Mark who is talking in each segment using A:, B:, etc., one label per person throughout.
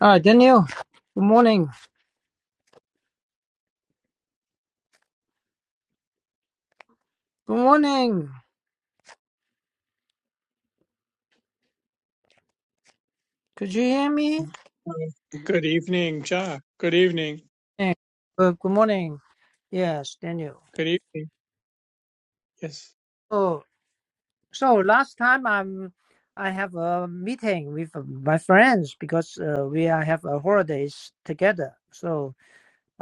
A: Ah, Daniel. Good morning. Good morning. Could you hear me?
B: Uh, Good evening, Ja. Good evening.
A: Yeah. Uh, good morning. Yes, Daniel.
B: Good evening. Yes.
A: Oh, so last time I'm, I have a meeting with my friends because uh, we are have a holidays together. So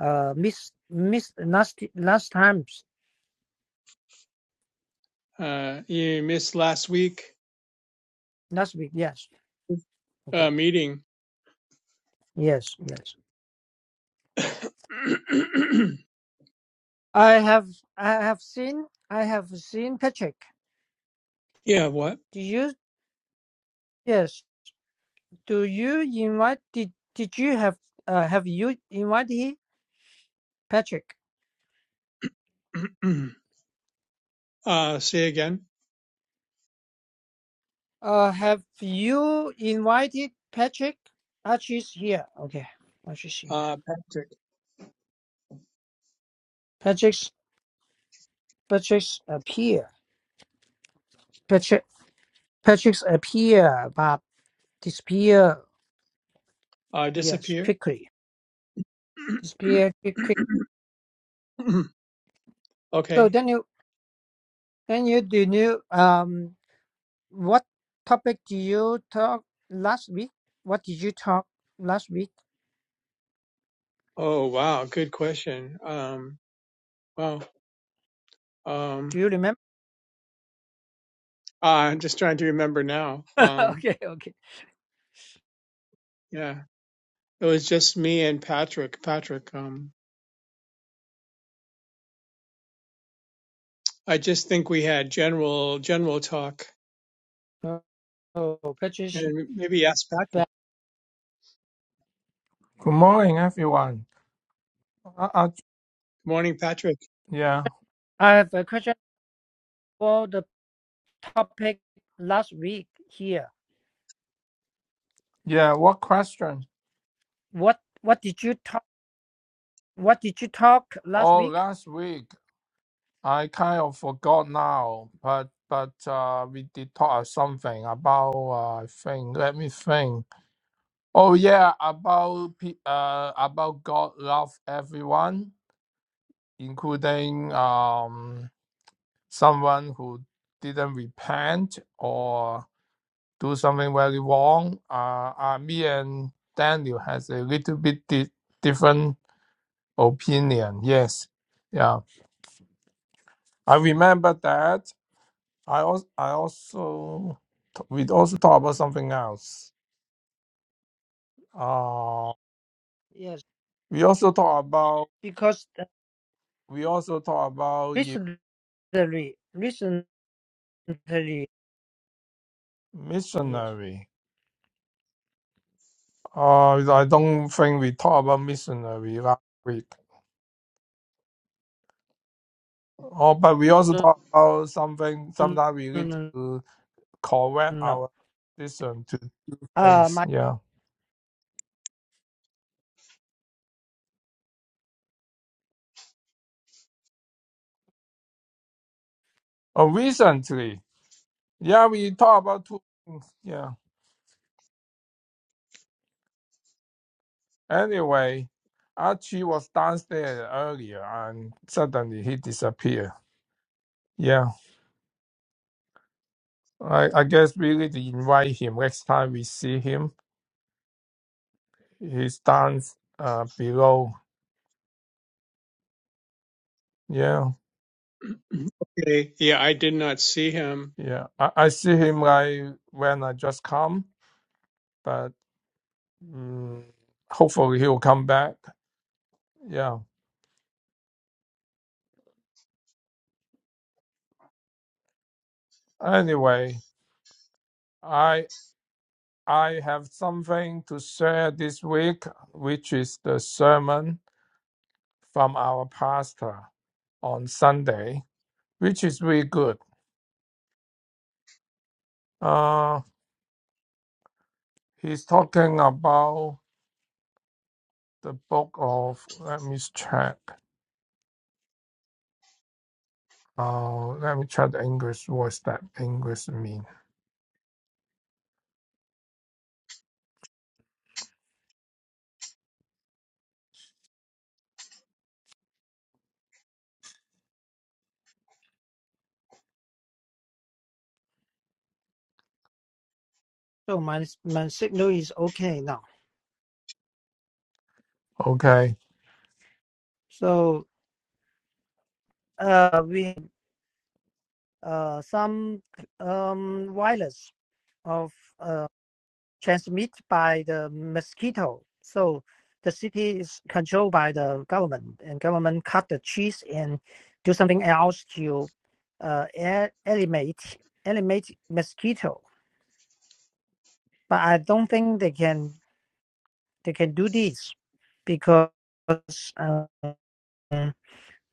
A: uh, miss miss last last times
B: Uh, you missed last week
A: last week. Yes. Okay.
B: uh, meeting.
A: Yes. Yes. I have I have seen I have seen Patrick.
B: yeah. What?
A: Do you? Yes. Do you invite did did you have uh have you invited Patrick?
B: uh, say again.
A: Uh have you invited Patrick? Archie's here. Okay. Archie's here.
B: Uh, Patrick.
A: Patrick's Patrick's appear. Patrick Patrick's appear but disappear
B: Uh,
A: yes
B: disappear.
A: quickly. Disappear quick quick. So
B: okay.
A: then you then you do you um what topic do you talk last week? What did you talk last week?
B: Oh wow. Good question. Um. Wow. Um.
A: Do you remember?
B: I'm just trying to remember now. Um.
A: okay, okay.
B: Yeah. It was just me and Patrick. Patrick. Um. I just think we had general general talk
A: Oh, Patricia,
B: and maybe ask Patrick. Good
A: but
C: Good morning, everyone. Uh, uh,
B: morning, Patrick.
C: yeah,
A: I have a question for the topic last week here.
C: yeah. What question?
A: What what did you talk what did you talk last
C: Oh,
A: week?
C: last week I kind of forgot now, but but uh, we did talk something about uh, I think. Let me think. Oh yeah, about pe- uh about God love everyone, including um someone who didn't repent or do something very wrong. Uh, uh me and Daniel has a little bit di- different opinion. Yes, yeah, I remember that. I also, I also, we also talk about something else. Uh,
A: Yes,
C: we also talk about,
A: because uh,
C: we also talk about the
A: recently recently yes.
C: missionary. Uh, I don't think we talk about missionary last week. Oh, but we also
A: No
C: talk about something.
A: no
C: Sometimes we
A: no
C: need
A: no.
C: to correct
A: no.
C: our decision to do
A: Uh
C: things.
A: my
C: Yeah. Oh, recently, yeah, we talk about two things. Yeah. Anyway, Archie was downstairs earlier and suddenly he disappeared. Yeah, I, I guess we need to invite him next time we see him. He's down uh, below. Yeah,
B: Okay. Yeah, I did not see him.
C: yeah. I, I see him like when I just come, but mm hopefully he'll come back. Yeah. Anyway, I I have something to share this week, which is the sermon from our pastor. on Sunday, which is really good. Uh, he's talking about the book of, let me check. Uh, let me check the English. What's that English mean?
A: so my my signal is okay now.
C: Okay.
A: So uh we uh some um wireless of uh Transmitted by the mosquito. So the city is controlled by the government, and government cut the trees and do something else to uh, e- eliminate eliminate mosquito. But I don't think they can they can do this because uh,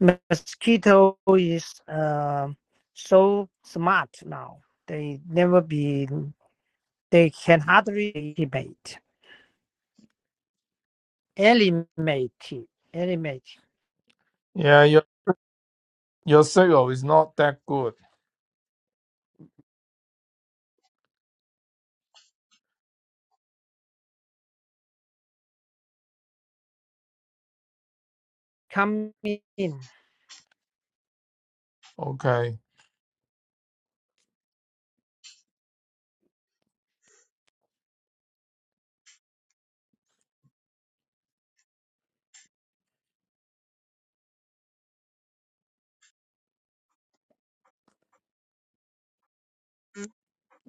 A: mosquito is uh, so smart now. They never be they can hardly eliminate eliminate eliminate.
C: Yeah, your, your signal is not that good.
A: Come in.
C: Okay.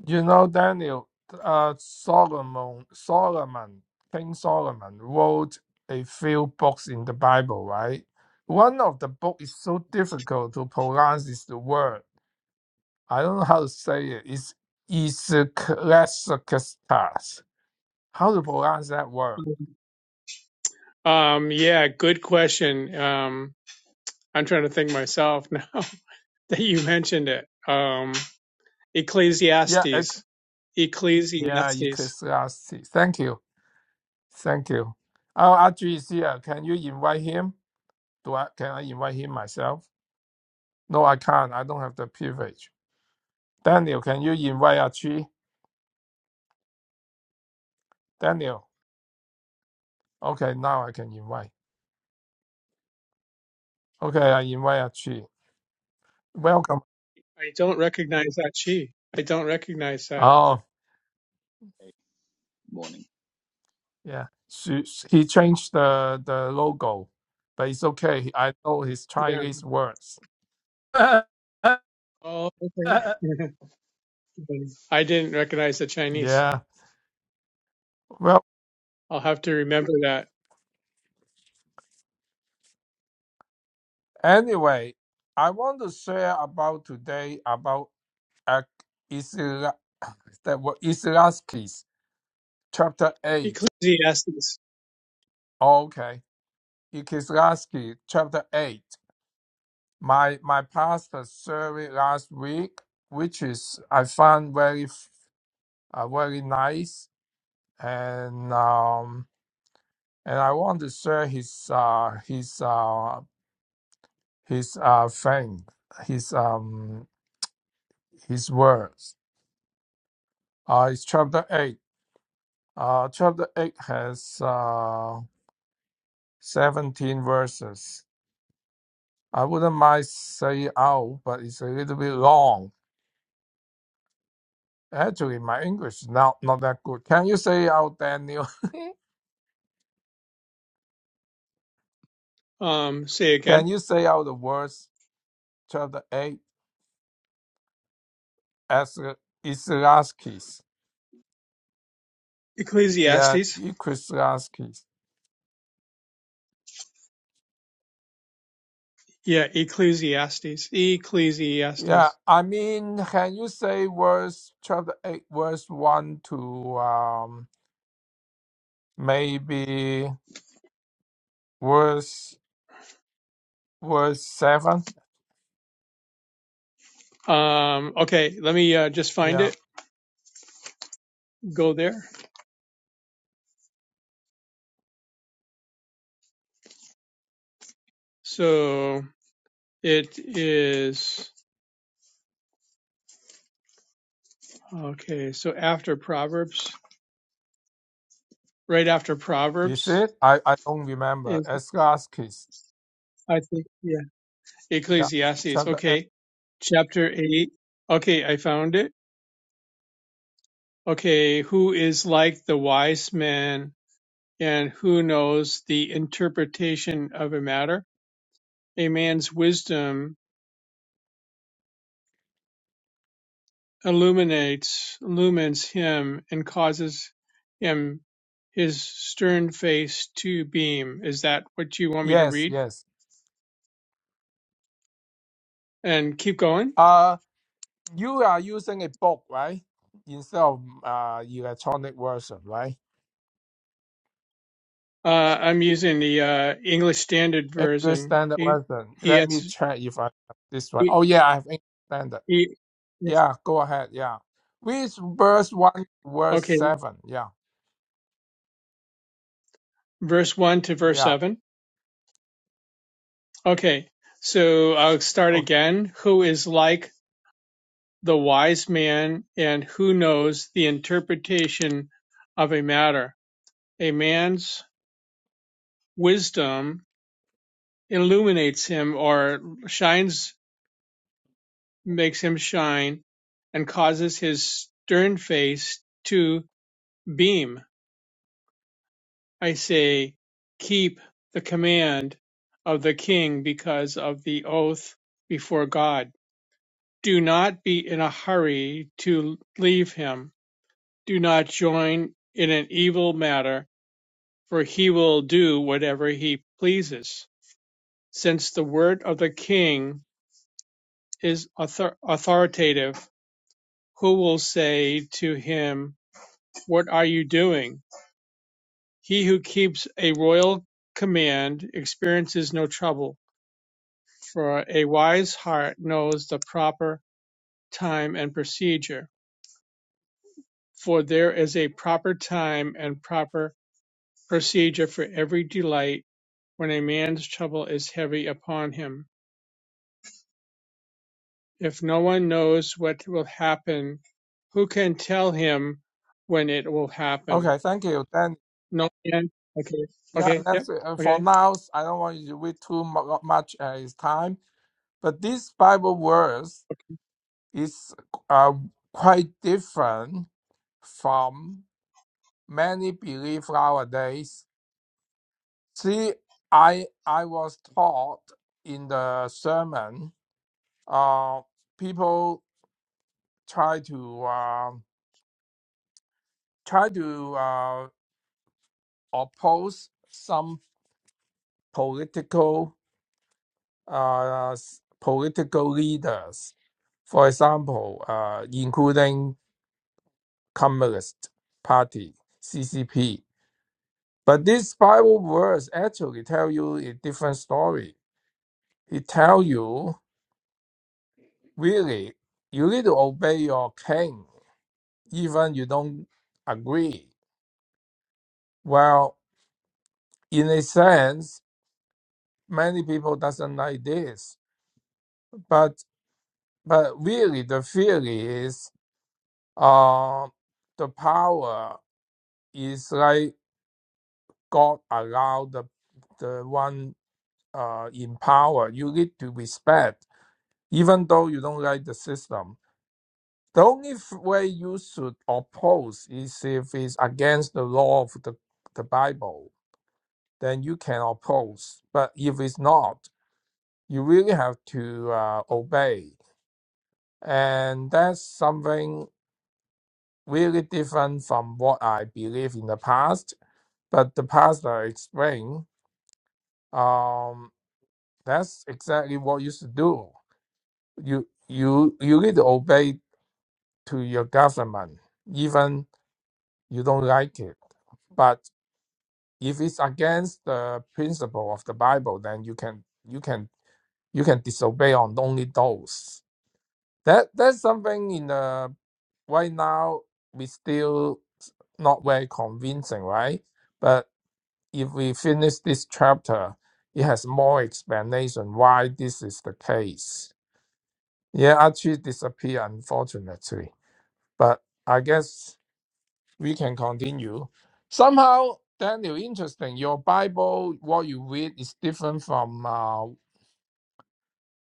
C: You know, Daniel, uh, Solomon, Solomon, King Solomon wrote a few books in the Bible, right? One of the book is so difficult to pronounce is the word. I don't know how to say it. It's Ecclesiastes. How to pronounce that word?
B: Um, yeah, good question. Um, I'm trying to think myself now that you mentioned it. Um,
C: Yeah, ec-
B: Ecclesiastes.
C: yeah,
B: Ecclesiastes.
C: Ecclesiastes. Thank you, thank you. Our Audrey is here. Can you invite him? Do I? Can I invite him myself? No, I can't. I don't have the privilege. Daniel, can you invite Audrey? Daniel. Okay, now I can invite. Okay, I invite Audrey. Welcome.
B: I don't recognize that she. I don't recognize that.
C: Oh,
D: morning.
C: Yeah, she, he changed the the logo, but it's okay. I know his
B: Yeah.
C: Chinese words.
A: Uh,
B: Oh,
A: uh, uh,
B: okay. I didn't recognize the Chinese.
C: Yeah. Well,
B: I'll have to remember that.
C: anyway, I want to share about today about uh, Isra that what Islaskis chapter eight.
B: Ecclesiastes.
C: Okay, Islaski chapter eight. My my pastor survey last week, which is I found very f- uh, very nice and. um. and I want to share his uh, his uh, his uh, fame, his um, his words. Uh, it's chapter eight. Uh, chapter eight has uh, seventeen verses. I wouldn't mind say it out, but it's a little bit long. Actually, my English is not not that good. Can you say out, Daniel?
B: Um, say
C: Can
B: again.
C: you say out the words chapter eight as Islaskis? Yeah,
B: Ecclesiastes.
C: Islaskis.
B: Yeah, Ecclesiastes.
C: Yeah,
B: Ecclesiastes.
C: I mean, can you say verse chapter 8, verse 1 to um maybe verse verse 7?
B: Um, okay, let me uh, just find
C: Yeah.
B: it. Go there. So it is okay. So after Proverbs, right after
C: Is
B: Proverbs
C: it? I I don't remember.
B: is
C: Eschatologist.
B: I think yeah
C: Yeah.
B: Ecclesiastes.
C: Chapter 8.
B: Okay, chapter eight. Okay, I found it. Okay, who is like the wise man and who knows the interpretation of a matter? A man's wisdom Illuminates illumines him and causes him his stern face to beam. Is that what you want me to
C: Yes,
B: read?
C: yes.
B: And keep going.
C: Uh you are using a book, right? Instead of uh electronic version, right?
B: Uh, I'm using the uh, English Standard
C: English
B: Version.
C: standard
B: E-
C: version. Let me
B: ES,
C: check if I have this one.
B: E-
C: Oh yeah, I have English standard.
B: E- yes.
C: Yeah, go ahead. Yeah. With verse 1, verse
B: Okay,
C: 7. Yeah.
B: verse 1 to verse
C: Yeah.
B: 7. Okay, so I'll start
C: Okay.
B: again. Who is like the wise man and who knows the interpretation of a matter? A man's Wisdom illuminates him or shines, makes him shine, and causes his stern face to beam. I say, keep the command of the king because of the oath before God. Do not be in a hurry to leave him. Do not join in an evil matter, for he will do whatever he pleases. Since the word of the king is author- authoritative, who will say to him, What are you doing? He who keeps a royal command experiences no trouble, for a wise heart knows the proper time and procedure. For there is a proper time and proper procedure for every delight when a man's trouble is heavy upon him. If no one knows what will happen, who can tell him when it will happen?
C: okay thank you. Then,
B: No, yeah. Okay.
C: yeah,
B: Okay.
C: that's
B: Yep.
C: it. Uh, For
B: Okay.
C: now, I don't want you to read too mu- uh, much uh, his time, but this Bible verse is uh, quite different from many belief nowadays. See, I I was taught in the sermon, uh, people try to uh, try to. Uh, oppose some political uh, s- political leaders, for example, uh, including Communist Party (CCP). But these Bible verse actually tell you a different story. It tell you really you need to obey your king, even you don't agree. Well, in a sense, many people doesn't like this, but but really the theory is Uh, the power is like God allowed the the one uh, in power. You need to respect, even though you don't like the system. The only f- way you should oppose is if it's against the law of the, the Bible, then you can oppose. But if it's not, you really have to uh, obey. And that's something really different from what I believe in the past But the pastor explained, um, that's exactly what you should do. You you you need to obey to your government, even you don't like it. But if it's against the principle of the Bible, then you can you can you can disobey on only those. That that's something in the right now we still not very convincing, right? But." if we finish this chapter, it has more explanation why this is the case. Yeah, Archie disappeared unfortunately, but I guess we can continue. Somehow, Daniel, interesting. Your Bible, what you read, is different from uh,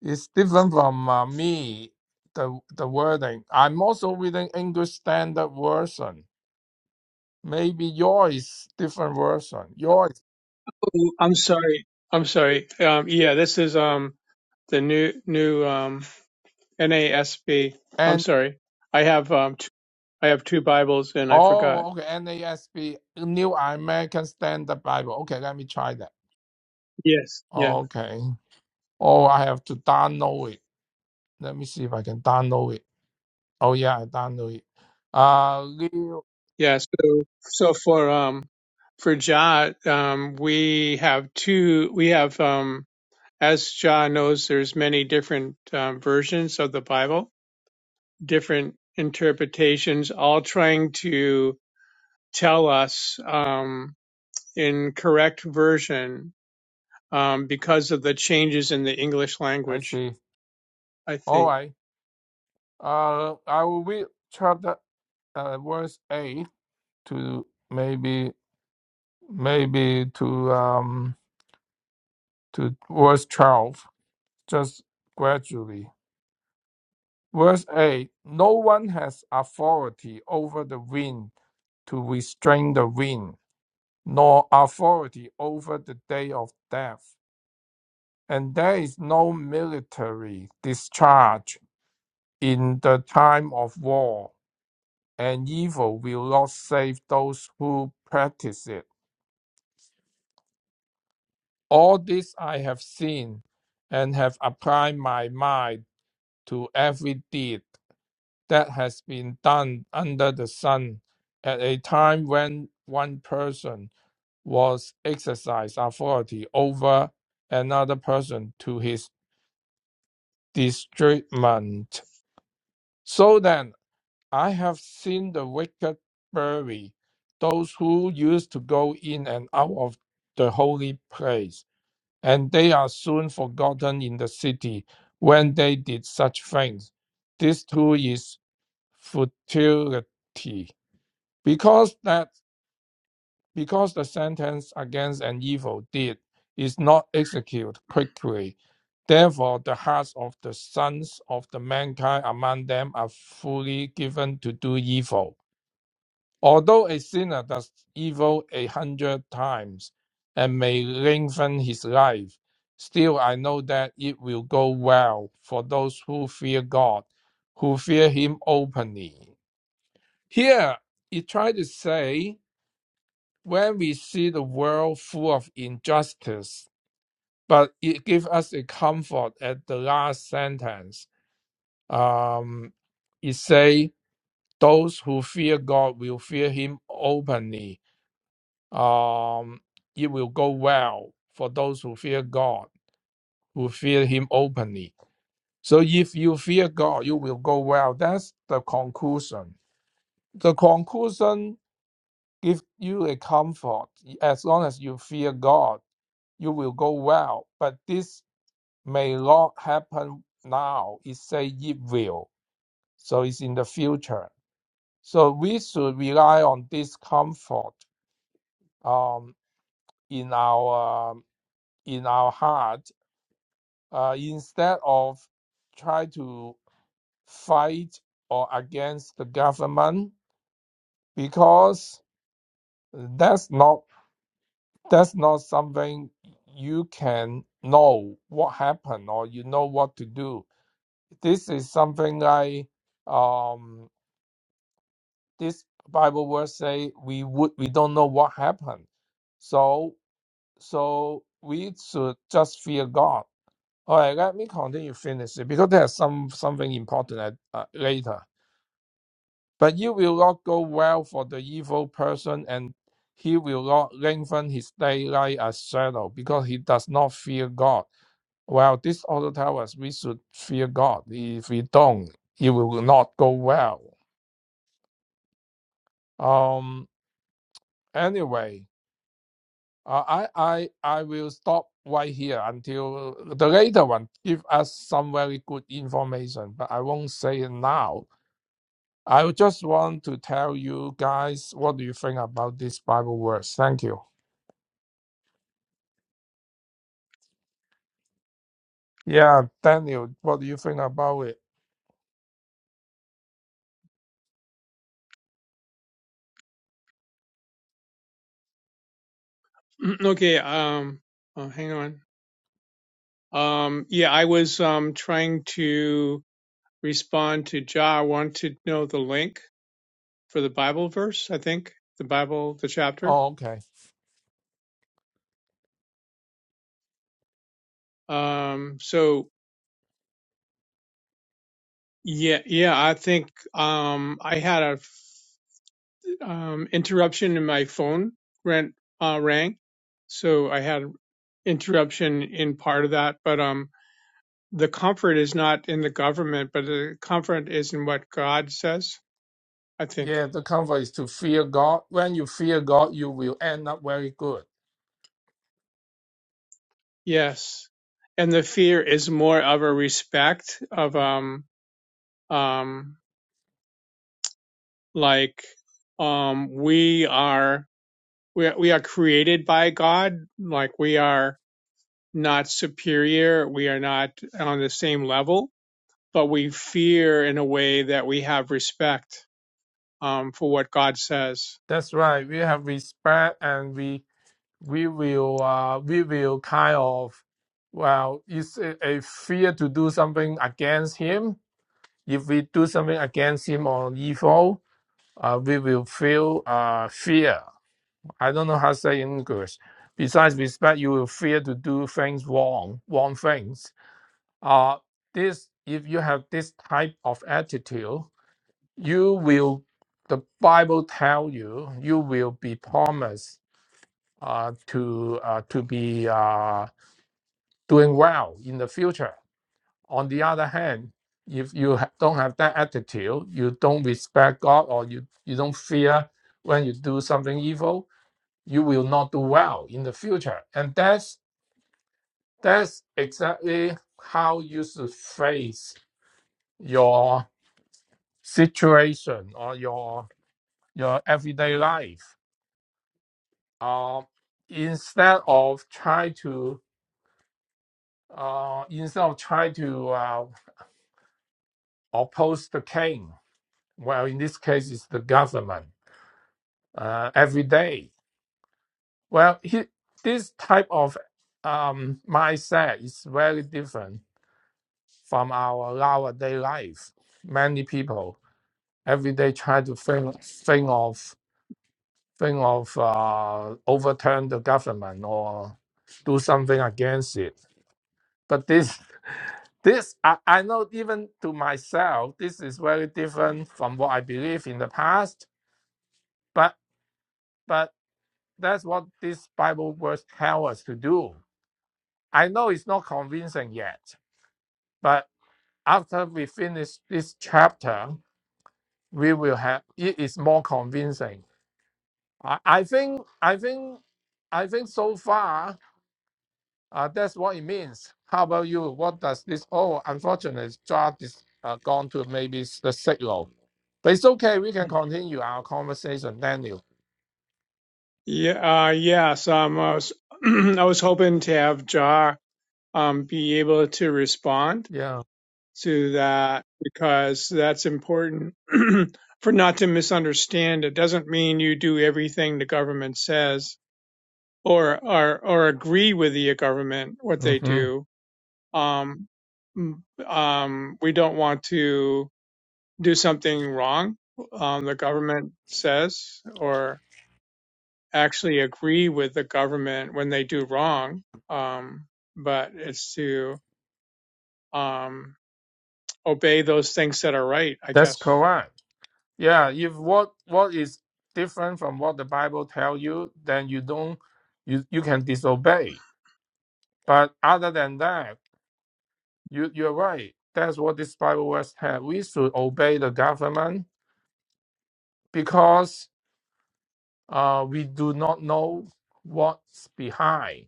C: is different from uh, me. The the wording. I'm also reading English Standard Version. Maybe yours is different version. Yours
B: Ooh, I'm sorry. I'm sorry. Um, yeah, this is um the new new um NASB. I'm sorry. I have um two, I have two Bibles and I forgot.
C: Oh, okay. NASB, New American Standard Bible. Okay, let me try that.
B: Yes. Yeah.
C: Okay. Oh, I have to download it. Let me see if I can download it. Oh, yeah, I download it. Uh, Leo,
B: Yeah. So so for um for Jah um we have two we have um as Jah knows there's many different um, versions of the Bible, different interpretations, all trying to tell us um, in correct version um, because of the changes in the English
C: I
B: language,
C: see.
B: I
C: All
B: think.
C: right. Uh, I will read chapter uh, verse eight to maybe maybe to um to verse twelve, just gradually. Verse eight. No one has authority over the wind to restrain the wind, nor authority over the day of death. And there is no military discharge in the time of war, and evil will not save those who practice it. All this I have seen and have applied my mind to every deed that has been done under the sun at a time when one person was exercise authority over another person to his detriment. So then I have seen the wicked bury those who used to go in and out of the holy place, and they are soon forgotten in the city when they did such things. This too is futility, because that because the sentence against an evil deed is not executed quickly, therefore the hearts of the sons of the mankind among them are fully given to do evil. Although a sinner does evil a hundred times and may lengthen his life, still I know that it will go well for those who fear God, who fear him openly. Here, he tried to say when we see the world full of injustice, but it gives us a comfort at the last sentence. Um, it say, "Those who fear God will fear Him openly. Um, it will go well for those who fear God, who fear Him openly." So, if you fear God, you will go well. That's the conclusion. The conclusion give you a comfort. As long as you fear God, you will go well. But this may not happen now. It say it will. So it's in the future. So we should rely on this comfort um, in our um, in our heart uh, instead of try to fight or against the government because that's not that's not something you can know what happened or you know what to do. This is something like um, this Bible verse say we would we don't know what happened, so so we should just fear God. All right, let me continue finish it because there's some something important at, uh, later. But you will not go well for the evil person, and he will not lengthen his daylight as shadow because he does not fear God Well, this also tells us we should fear God. If we don't, it will not go well. Um. Anyway, uh, I I I will stop right here until the later one give us some very good information, but I won't say it now. I just want to tell you guys what do you think about this Bible verse. Thank you. Yeah, Daniel, what do you think about it?
B: okay, um, oh, hang on. Um, yeah, I was um, trying to respond to Ja. I want to know the link for the Bible verse, I think, the Bible, the chapter.
C: Oh, okay.
B: Um, so, yeah, yeah, I think um, I had a um, interruption in my phone Rent uh, rang, so I had interruption in part of that. But um, the comfort is not in the government, but the comfort is in what God says. I think
C: Yeah, the comfort is to fear God. When you fear God, you will end up very good.
B: yes, and the fear is more of a respect of um um like um we are we we are created by God, like we are not superior, we are not on the same level but we fear in a way that we have respect um, for what God says.
C: That's right. We have respect, and we we will uh, we will kind of well, it's a, a fear to do something against him. If we do something against him or evil, uh, we will feel uh, fear. I don't know how to say in English. Besides respect, you will fear to do things wrong, wrong things. Uh, this if you have this type of attitude, you will. The Bible tell you you will be promised uh, to uh, to be uh, doing well in the future. On the other hand, if you don't have that attitude, you don't respect God, or you you don't fear when you do something evil, you will not do well in the future. And that's that's exactly how you should face your situation or your your everyday life. Uh, instead of try to uh, instead of try to uh, oppose the king. Well, in this case, it's the government uh, every day. Well, he, this type of um, mindset is very different from our nowadays life. Many people every day try to think, think of think of uh, overturn the government or do something against it. But this this I, I know even to myself, this is very different from what I believe in the past. But but That's what this Bible verse tells us to do. I know it's not convincing yet, but after we finish this chapter, we will have it is more convincing. I, I think I think I think so far uh, that's what it means. How about you? What does this? Oh, unfortunately, Josh is uh, gone to maybe s- the signal, but it's okay. We can continue our conversation, Daniel.
B: Yeah, uh, yes. Um, I was I was hoping to have Jah um, be able to respond
C: Yeah,
B: to that because that's important for not to misunderstand. It doesn't mean you do everything the government says or or, or agree with the government what they
C: hmm
B: do. Um, mm, um, we don't want to do something wrong, um, the government says, or actually agree with the government when they do wrong. Um, but it's to um, obey those things that are right, I
C: that's
B: guess.
C: correct. Yeah, if what what is different from what the Bible tell you, then you don't you you can disobey. But other than that, you you're right. That's what this Bible verse had. We should obey the government because uh, we do not know what's behind.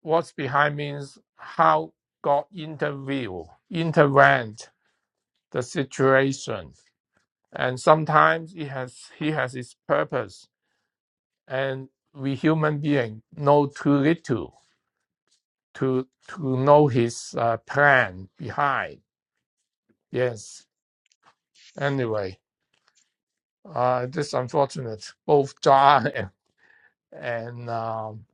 C: What's behind means how God intervene, intervene the situation, and sometimes it has he has his purpose and we human being know too little to to know his uh, plan behind. Yes. Anyway, uh, this unfortunate. Both John and, and um,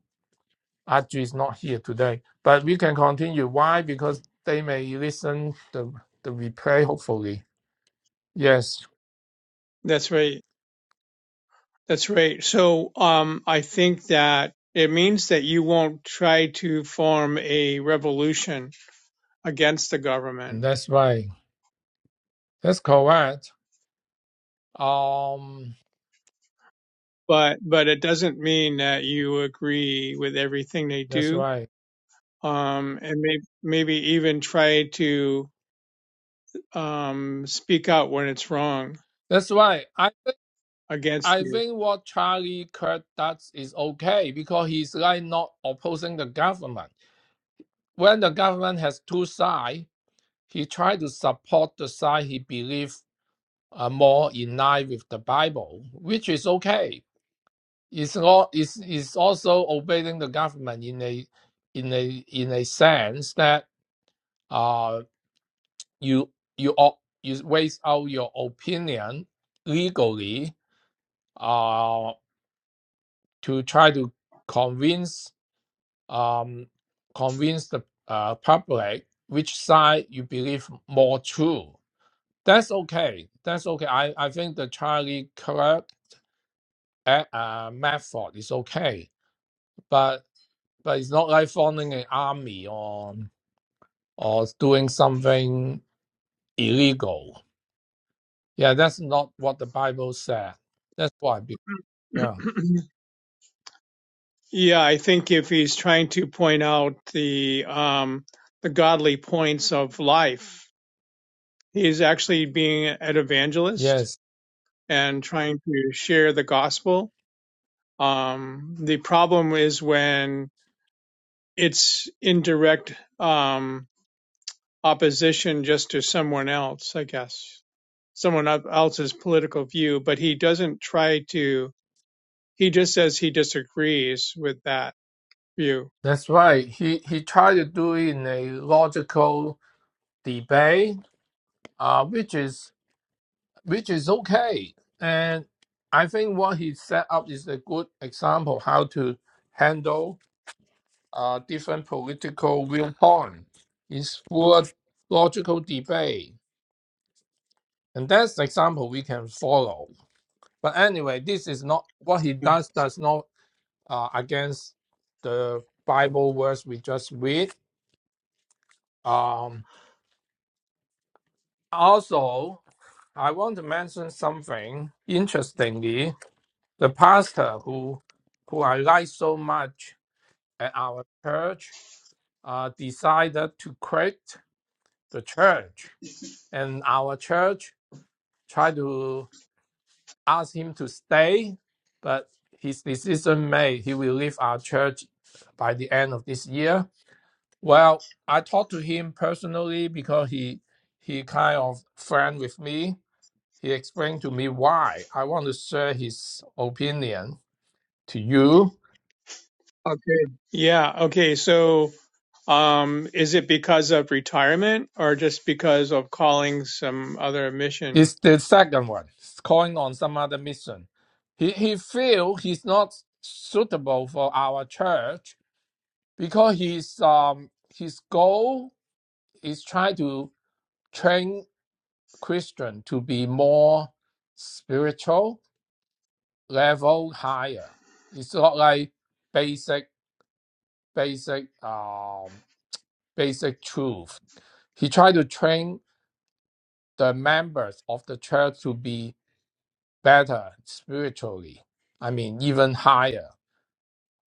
C: Audrey is not here today, but we can continue. Why? Because they may listen the the replay. Hopefully, yes.
B: That's right. That's right. So um, I think that it means that you won't try to form a revolution against the government,
C: That's right. That's correct. Um,
B: but but it doesn't mean that you agree with everything they
C: that's
B: do
C: right.
B: um, and may, maybe even try to um, speak out when it's wrong
C: That's right. I
B: against
C: I
B: you.
C: think what Charlie Kirk does is okay because he's like not opposing the government. When the government has two sides, he tries to support the side he believes are more in line with the Bible, which is okay. It's not it's, it's also obeying the government in a in a in a sense that uh you you op- you waste out your opinion legally uh to try to convince um, convince the uh, public which side you believe more true. That's okay. That's okay. I, I think the Charlie Kirk uh, uh, method is okay, but but it's not like forming an army or or doing something illegal. Yeah, that's not what the Bible said. That's why. be- Yeah.
B: yeah, I think if he's trying to point out the um, the godly points of life, he's actually being an evangelist
C: Yes,
B: and trying to share the gospel. Um, the problem is when it's in direct um, opposition just to someone else, I guess. someone else's political view, but he doesn't try to, he just says he disagrees with that view.
C: that's right. He he tried to do it in a logical debate, uh, which is which is okay. And I think what he set up is a good example how to handle uh, different political viewpoint. It's full of logical debate, and that's the example we can follow. But anyway, this is not what he does. Does not uh, against the Bible verse we just read. Um, also, I want to mention something interestingly. the pastor who who I like so much at our church uh, decided to quit the church, and our church tried to ask him to stay, but his decision made he will leave our church by the end of this year. Well, I talked to him personally because he he kind of friend with me. He explained to me why. I want to share his opinion to you
B: Okay. Yeah. Okay. So, um, is it because of retirement or just because of calling some other mission?
C: It's the second one. It's calling on some other mission. He he feel he's not suitable for our church because he's um his goal is trying to train Christian to be more spiritual level higher. It's not like basic basic um basic truth. He tried to train the members of the church to be better spiritually. I mean, even higher.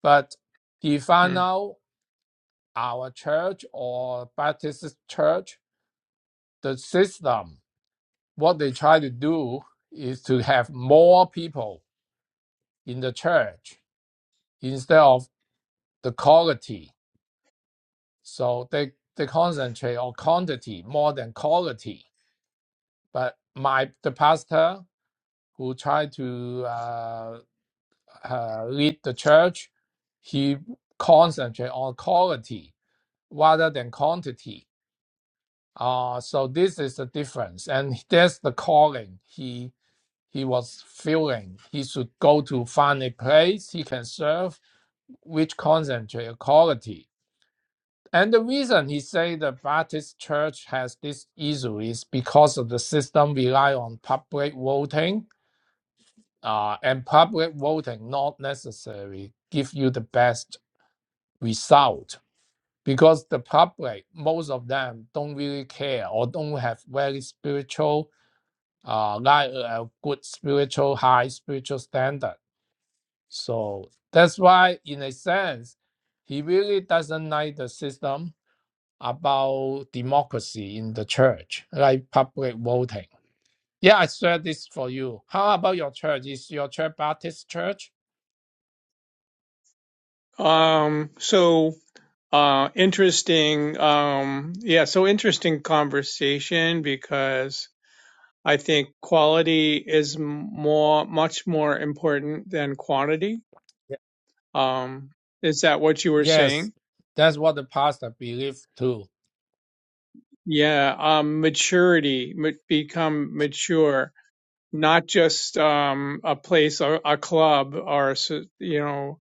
C: But if I
B: Hmm.
C: know our church or Baptist church, the system, what they try to do is to have more people in the church instead of the quality. So they, they concentrate on quantity more than quality. But my the pastor who tried to uh, uh, lead the church, he concentrates on quality rather than quantity. Uh, so this is the difference, and that's the calling he he was feeling. He should go to find a place he can serve, which concentrate on quality. And the reason he say the Baptist Church has this issue is because of the system rely on public voting, uh, and public voting not necessarily give you the best result because the public, most of them don't really care or don't have very spiritual, uh, like a good spiritual, high spiritual standard. So that's why, in a sense, he really doesn't like the system about democracy in the church, like public voting. Yeah, I shared this for you. How about your church? Is your church Baptist church?
B: Um, so, uh, interesting. Um, yeah. So interesting conversation because I think quality is more, much more important than quantity
C: Yeah.
B: Um, is that what you were
C: Yes,
B: saying?
C: that's what the pastor believes too.
B: Yeah, um, maturity, ma- become mature, not just um, a place, a, a club, or so- you know,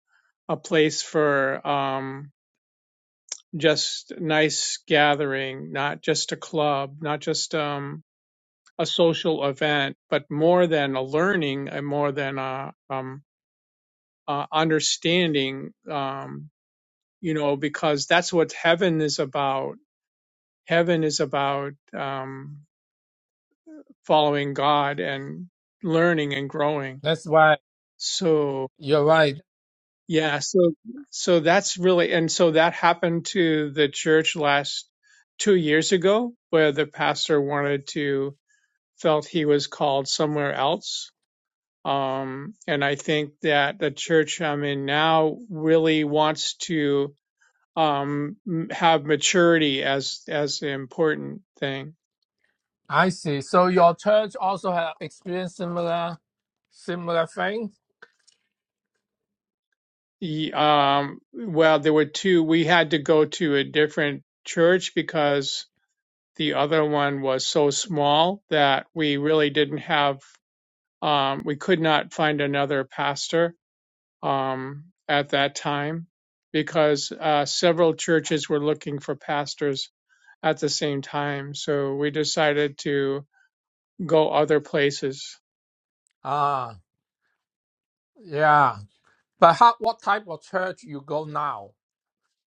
B: a place for um, just nice gathering, not just a club, not just um, a social event, but more than a learning and more than a um, uh, understanding. Um, you know, because that's what heaven is about Heaven is about um, following God and learning and growing.
C: That's why
B: So
C: you're right.
B: yeah, so so that's really and so that happened to the church last two years ago, where the pastor wanted to felt he was called somewhere else. Um, and I think that the church I'm in now really wants to um, m- have maturity as as an important thing.
C: I see. So your church also have experienced similar similar thing.
B: Ye- Um, well, there were two. We had to go to a different church because the other one was so small that we really didn't have, um, we could not find another pastor um, at that time because uh, several churches were looking for pastors at the same time. So we decided to go other places.
C: Ah, yeah. But how, what type of church you go now?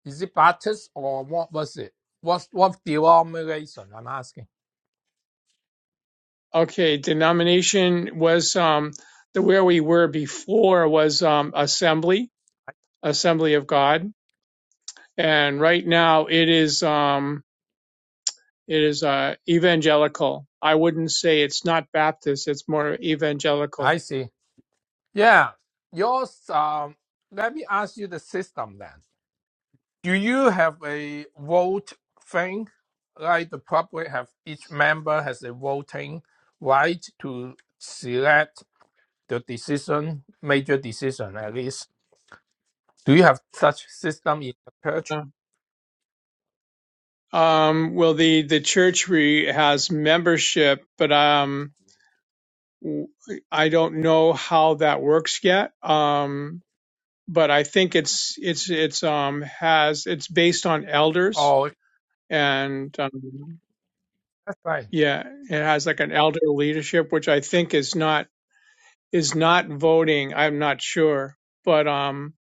C: Is it Baptist or what was it? What what denomination? I'm asking.
B: Okay, denomination was um, the where we were before was um, assembly Assembly of God, and right now it is um, it is uh, evangelical. I wouldn't say it's not Baptist; it's more
C: I
B: evangelical.
C: see. Yeah. Yours. Um. Let me ask you the system then. Do you have a vote thing? Like the public have each member has a voting right to select the decision, major decision at least. Do you have such system in the church?
B: Yeah. Um, well, the the church re- has membership, but um, w- I don't know how that works yet. Um, but I think it's it's it's um has it's based on elders
C: Oh,
B: and um,
C: that's right.
B: yeah, it has like an elder leadership, which I think is not is not voting. I'm not sure, but um,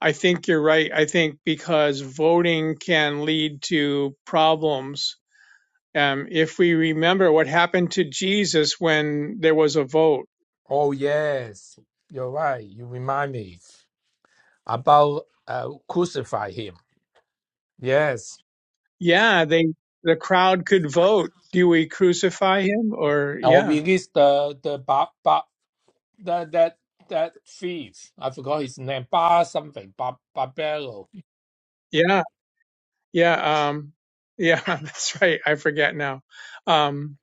B: I think you're right. I think because voting can lead to problems. Um, if we remember what happened to Jesus when there was a vote,
C: Oh yes, you're right. You remind me about uh, crucify him. Yes,
B: yeah, they the crowd could vote. Do we crucify him or
C: or
B: yeah,
C: release the the ba, ba, the, that that thief. I forgot his name. Bar something. Bar,
B: yeah, yeah, um, yeah? That's right. I forget now. Um,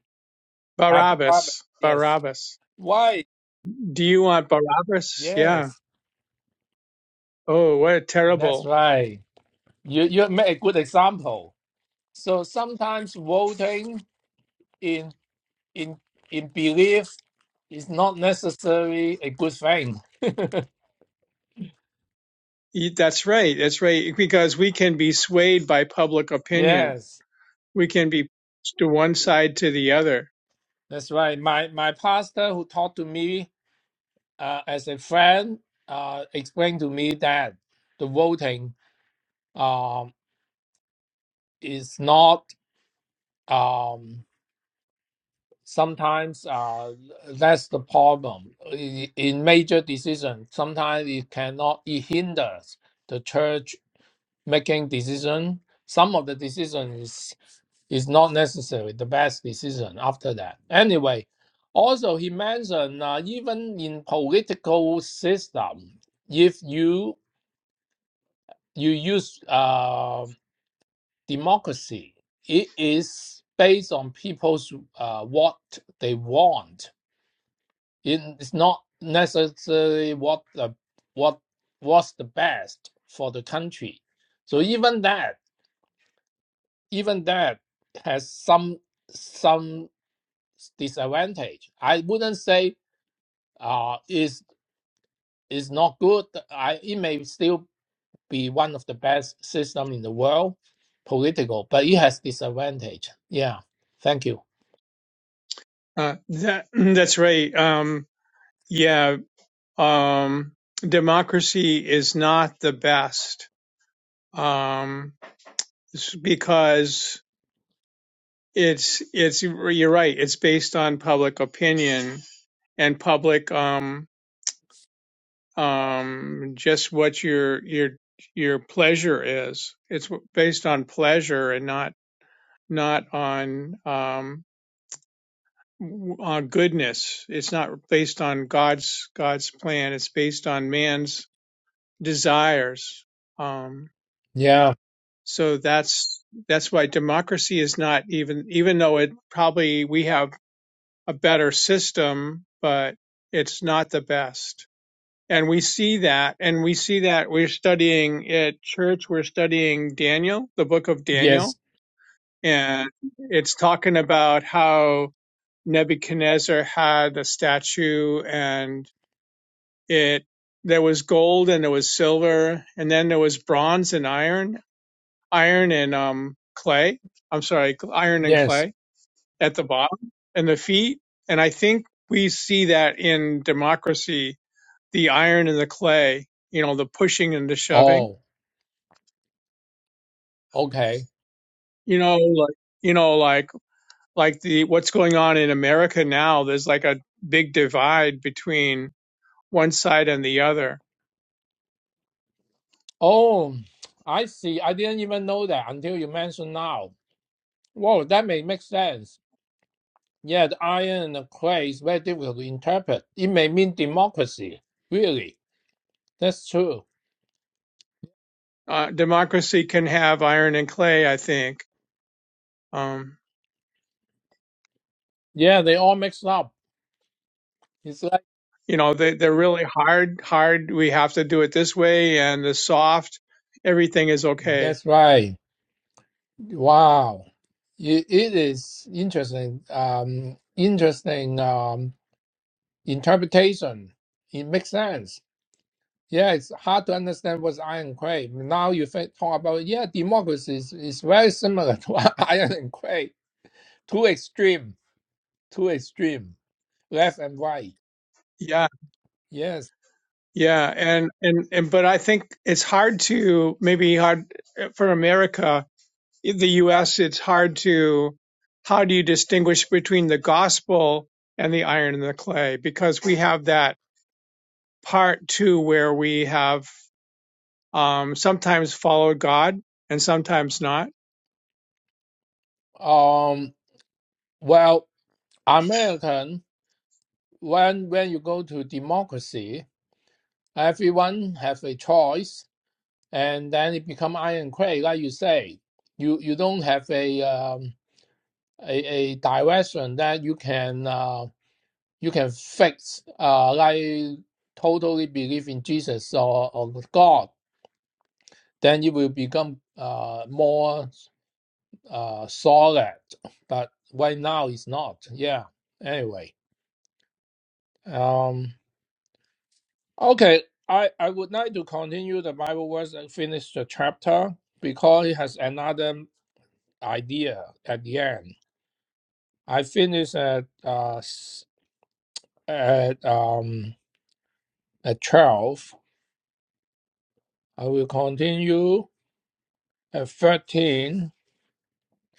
C: Hyderabad,
B: Barabbas,
C: yes.
B: Barabbas.
C: Why?
B: Do you want Barabbas? Yeah.
C: Yes,
B: Oh, what a
C: that's
B: terrible.
C: right. You you make a good example. So sometimes voting in in in belief is not necessarily a good thing.
B: Y- That's right. That's right. Because we can be swayed by public opinion.
C: yes,
B: We can be to one side to the other.
C: that's right. My my pastor who talked to me uh, as a friend uh, explained to me that the voting um, is not. Um, sometimes uh, that's the problem I- in major decision sometimes it cannot it hinders the church making decision some of the decision is is not necessarily the best decision after that anyway also he mentioned uh, even in political system if you you use uh, democracy it is based on people's uh, what they want it's not necessarily what the what what's the best for the country. So even that, even that has some some disadvantage. I wouldn't say uh is is not good. I it may still be one of the best system in the world, political, but it has disadvantage. Yeah. Thank you.
B: Uh, that, that's right. Um, yeah. Um, democracy is not the best. Um, s- because it's, it's, you're right. It's based on public opinion and public, um, um, just what your, your, your pleasure is. It's based on pleasure and not not on um, on goodness. It's not based on God's God's plan. It's based on man's desires. Um,
C: Yeah.
B: so that's that's why democracy is not even even though it probably we have a better system, but it's not the best. And we see that, and we see that we're studying at church. We're studying Daniel, the book of Daniel,
C: Yes.
B: and it's talking about how Nebuchadnezzar had a statue and it there was gold and there was silver and then there was bronze and iron, iron and um clay. I'm sorry, iron and
C: Yes.
B: clay at the bottom and the feet. And I think we see that in democracy, the iron and the clay, you know, the pushing and the shoving.
C: Oh. Okay.
B: You know, like you know, like like the what's going on in America now, there's like a big divide between one side and the other
C: Oh, I see. I didn't even know that until you mentioned now. Whoa, that may make sense. Yeah, the iron and the clay is very difficult to interpret. It may mean democracy. Really, that's true.
B: uh, democracy can have iron and clay. I think, um,
C: Yeah, they all mixed up. It's like
B: you know, they, they're really hard. Hard. We have to do it this way, and the soft, everything is okay.
C: that's right. Wow, it, it is interesting. Um, interesting um interpretation. It makes sense. Yeah, it's hard to understand what's iron ironclad. Now you think, talk about, yeah, democracy is, is very similar to iron and clay. Too extreme, too extreme, left and right.
B: Yeah,
C: Yes.
B: yeah, and and and. But I think it's hard to maybe hard uh, for America, in the U.S. It's hard to. How do you distinguish between the gospel and the iron and the clay? Because we have that part too, where we have um, sometimes followed God and sometimes not
C: Um. Well, American, when when you go to democracy, everyone have a choice, and then it become iron clay, like you say. You you don't have a um a, a direction that you can. uh, you can fake uh, like totally believe in Jesus or, or God, then it will become uh, more uh, solid. But right now it's not. Yeah. Anyway, um, okay. I, I would like to continue the Bible verse and finish the chapter because it has another idea at the end. I finished at uh, s- at um at twelve. I will continue at 13.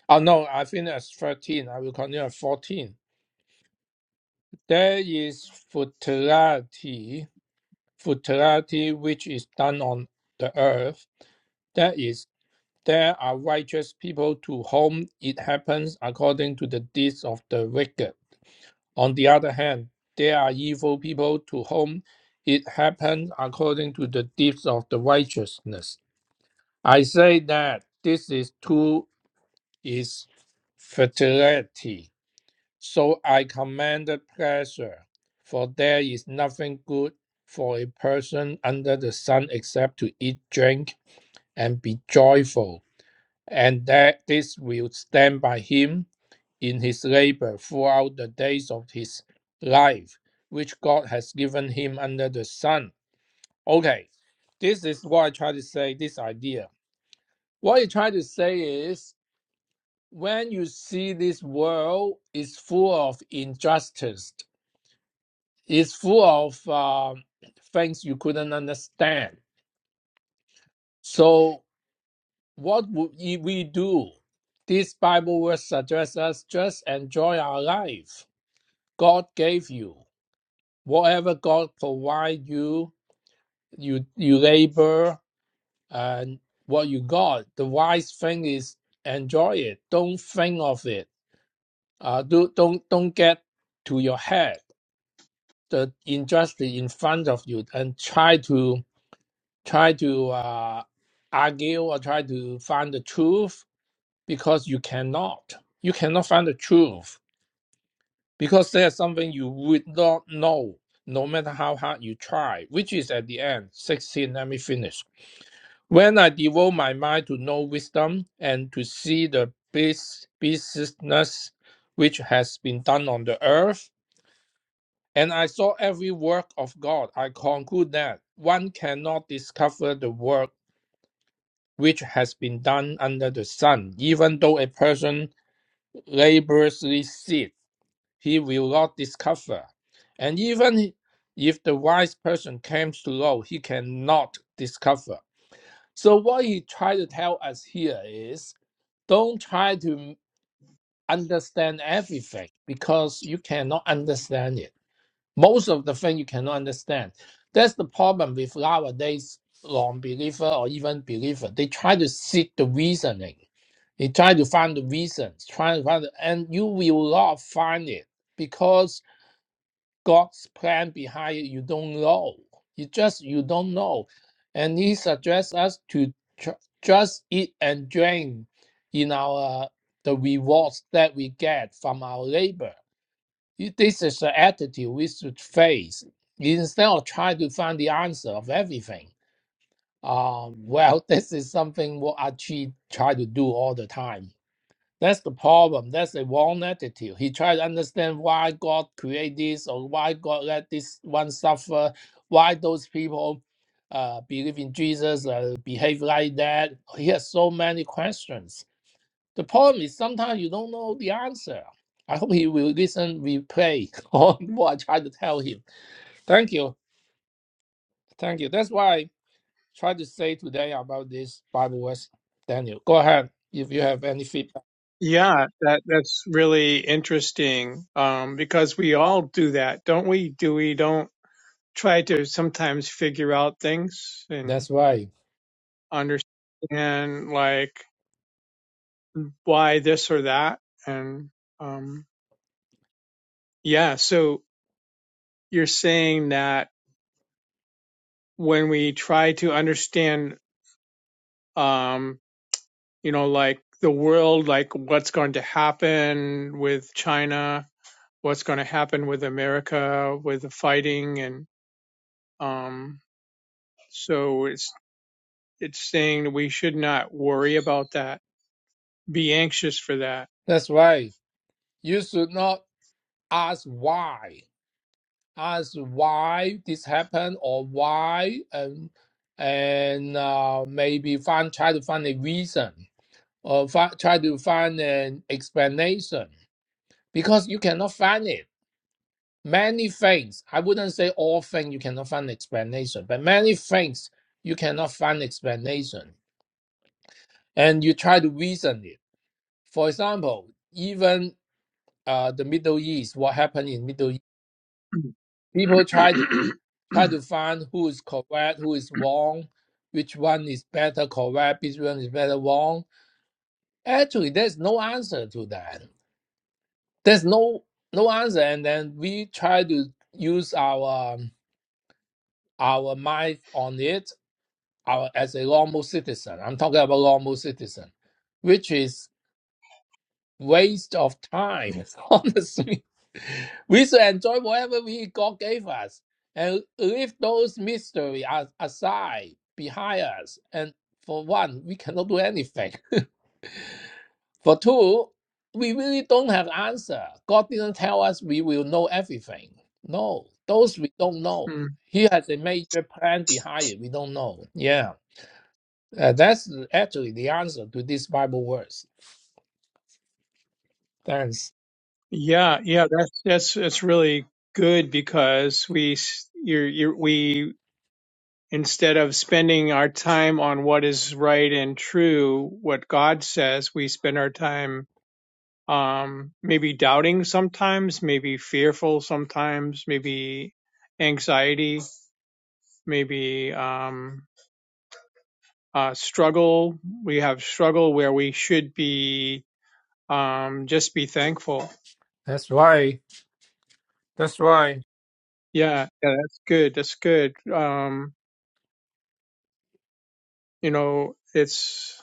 C: Oh, no, I think that's 13. I will continue at 14. There is futility, futility which is done on the earth. That is, there are righteous people to whom it happens according to the deeds of the wicked. On the other hand, there are evil people to whom it happens according to the deeds of the righteousness. I say that this is two is futility So I commanded pleasure, for there is nothing good for a person under the sun except to eat, drink, and be joyful, and that this will stand by him in his labor throughout the days of his life, which God has given him under the sun. Okay, this is what I try to say, this idea. What I try to say is when you see this world is full of injustice It's full of uh, things you couldn't understand. So, what would we do? This Bible verse suggests us just enjoy our life. God gave you whatever God provide you. You you labor and what you got. The wise thing is enjoy it. Don't think of it. Uh, do don't don't get to your head the injustice in front of you and try to try to uh, argue or try to find the truth because you cannot. You cannot find the truth because there's something you would not know no matter how hard you try, which is at the end. 16, let me finish. When I devote my mind to know wisdom and to see the bus- business which has been done on the earth, and I saw every work of God, I conclude that one cannot discover the work which has been done under the sun, even though a person laboriously seeth, he will not discover. And even if the wise person comes to know, he cannot discover. So what he tried to tell us here is don't try to understand everything because you cannot understand it most of the thing you cannot understand. That's the problem with nowadays non-believer or even believer. They try to seek the reasoning. They try to find the reasons, try to find, the, and you will not find it because God's plan behind it you don't know. You just you don't know, and He suggests us to ju- just eat and drink in our the rewards that we get from our labor it- This is the attitude we should face instead of trying to find the answer of everything. Uh, well, this is something what Archie try to do all the time. That's the problem. That's the wrong attitude. He tried to understand why God created this or why God let this one suffer, why those people uh, believe in Jesus, uh, behave like that. He has so many questions the problem is sometimes you don't know the answer. I hope he will listen, we pray on what I try to tell him. Thank you. Thank you. That's why I tried to say today about this Bible verse. Daniel, go ahead if you have any feedback.
B: Yeah, that that's really interesting um, because we all do that, don't we? Do we don't try to sometimes figure out things and
C: That's right.
B: understand like why this or that? And um, yeah, so you're saying that when we try to understand, um, you know, like the world, like what's going to happen with China, what's going to happen with America, with the fighting and um, So it's it's saying that we should not worry about that, be anxious for that.
C: That's right. You should not ask why. Ask why this happened or why and and uh, maybe find try to find a reason or fi- try to find an explanation because you cannot find it. Many things, I wouldn't say all things you cannot find explanation, but many things you cannot find explanation and you try to reason it. For example, even uh, the Middle East, what happened in Middle East, people try to try to find who is correct, who is wrong, which one is better correct, which one is better wrong. Actually, there's no answer to that. There's no no answer, and then we try to use our um, our mind on it our, as a normal citizen. I'm talking about normal citizen, which is waste of time, honestly. We should enjoy whatever we God gave us and leave those mystery as, aside behind us. And for one, we cannot do anything. For two, we really don't have answer. God didn't tell us we will know everything. No, those we don't know.
B: Mm.
C: He has a major plan behind it. We don't know. Yeah. Uh, that's actually the answer to this Bible verse. Thanks.
B: Yeah, yeah, that's that's that's really good because we s- you're you're we instead of spending our time on what is right and true, what God says, we spend our time um maybe doubting sometimes, maybe fearful sometimes, maybe anxiety, maybe um uh, struggle. We have struggle where we should be um, just be thankful.
C: That's right. That's right.
B: Yeah, yeah, that's good. That's good. Um, you know, it's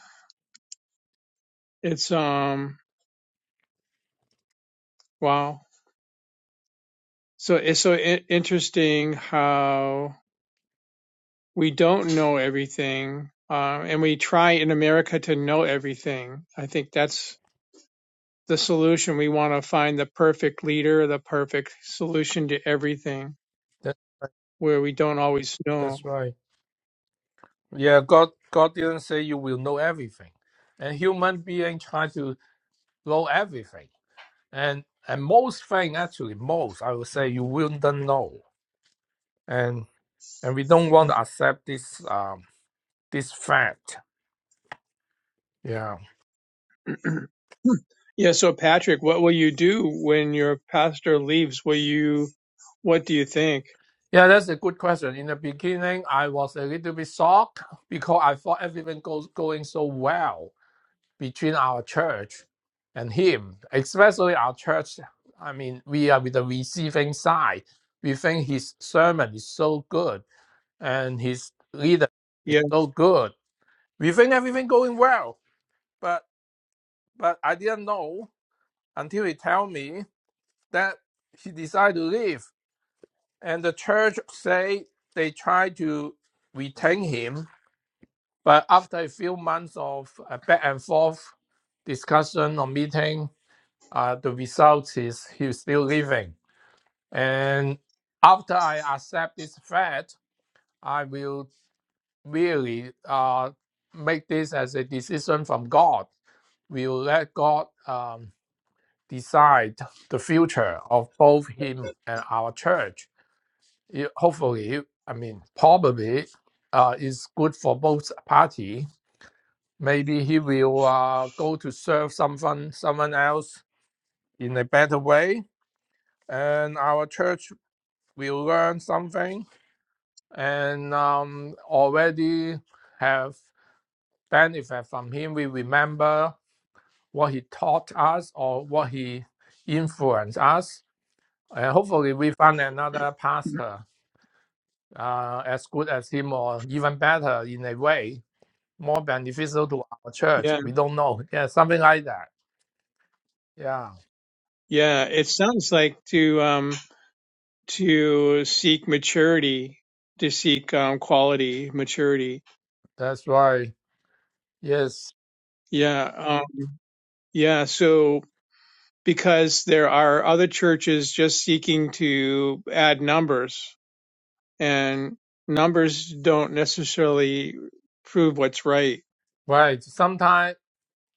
B: it's um wow. So it's so I- interesting how we don't know everything, um, and we try in America to know everything. I think that's the solution. We want to find the perfect leader, the perfect solution to everything,
C: That's right.
B: where we don't always know.
C: that's right. Yeah, God God didn't say you will know everything. And human being try to know everything. And and most thing actually, most I would say you will not know. And and we don't want to accept this um this fact. Yeah.
B: Yeah, so Patrick, what will you do when your pastor leaves? Will you, what do you think?
C: Yeah, that's a good question. In the beginning I was a little bit shocked because I thought everything goes going so well. between our church and him, especially our church. I mean, we are with the receiving side. We think his sermon is so good and his leader is
B: Yeah,
C: so good. We think everything going well, but but I didn't know until he tell me that he decided to leave. And the church say they try to retain him, but after a few months of uh, back and forth discussion or meeting, uh, the result is he's still living. And after I accept this fact, I will really uh, make this as a decision from God. We will let God um, decide the future of both him and our church. It- hopefully, I mean, probably uh, is good for both party. Maybe he will uh, go to serve someone, someone else in a better way, and our church we learn something and um, already have benefit from him. We remember what he taught us or what he influenced us. And hopefully we find another pastor uh, as good as him or even better in a way, more beneficial to our church.
B: yeah,
C: We don't know. Yeah, something like that. Yeah,
B: yeah. It sounds like to um to seek maturity, to seek um quality maturity.
C: that's right. Yes,
B: Yeah, um, yeah. So because there are other churches just seeking to add numbers, and numbers don't necessarily prove what's right.
C: right. Sometimes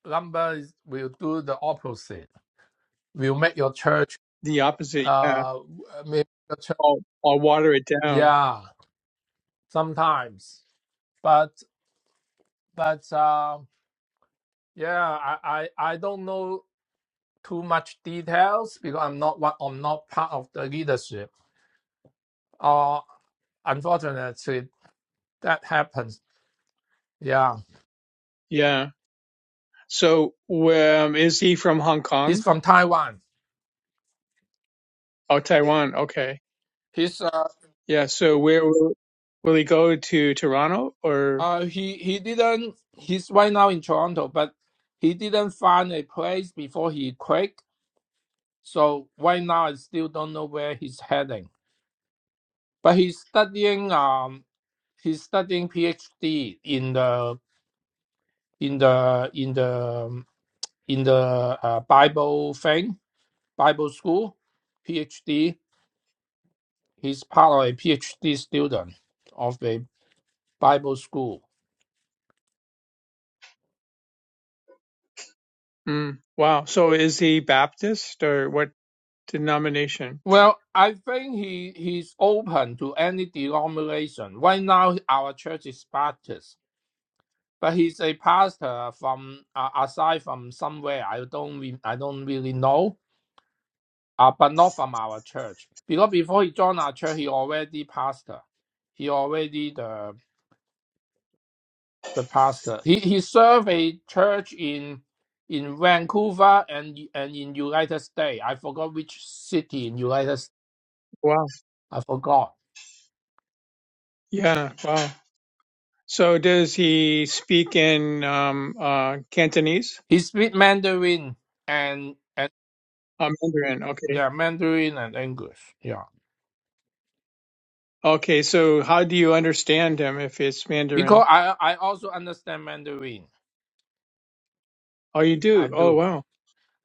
C: numbers will do the opposite. Will make your church
B: The opposite. yeah.
C: uh maybe the ch-
B: I'll, I'll water it down.
C: yeah sometimes but but uh yeah I, I i don't know too much details because i'm not one i'm not part of the leadership uh unfortunately that happens yeah
B: Yeah. So, where um, is he from Hong
C: he's
B: Kong?
C: from taiwan
B: Oh, Taiwan. Okay.
C: he's uh,
B: Yeah. So, where will, will he go to Toronto or?
C: uh he he didn't he's right now in toronto but he didn't find a place before he quit so right now i still don't know where he's heading But he's studying um he's studying PhD in the in the in the in the uh, Bible thing, Bible school, PhD. He's part of a PhD student of the Bible school.
B: Mm, wow. So, is he Baptist or what denomination?
C: Well, I think he he's open to any denomination. Right now, our church is Baptist, but he's a pastor from uh, aside from somewhere. I don't re- I don't really know Uh, but not from our church. Because before he joined our church, he already pastor. He already the the pastor. He he served a church in in Vancouver and and in United States. I forgot which city in United States.
B: Wow.
C: I forgot.
B: Yeah. Wow. So, does he speak in um, uh, Cantonese?
C: He speak Mandarin and and
B: Uh, Mandarin. Okay.
C: yeah, Mandarin and English. Yeah.
B: Okay. So, how do you understand him if it's
C: Because
B: Mandarin?
C: I I also understand Mandarin.
B: Oh, you
C: I
B: do. Oh,
C: do.
B: wow.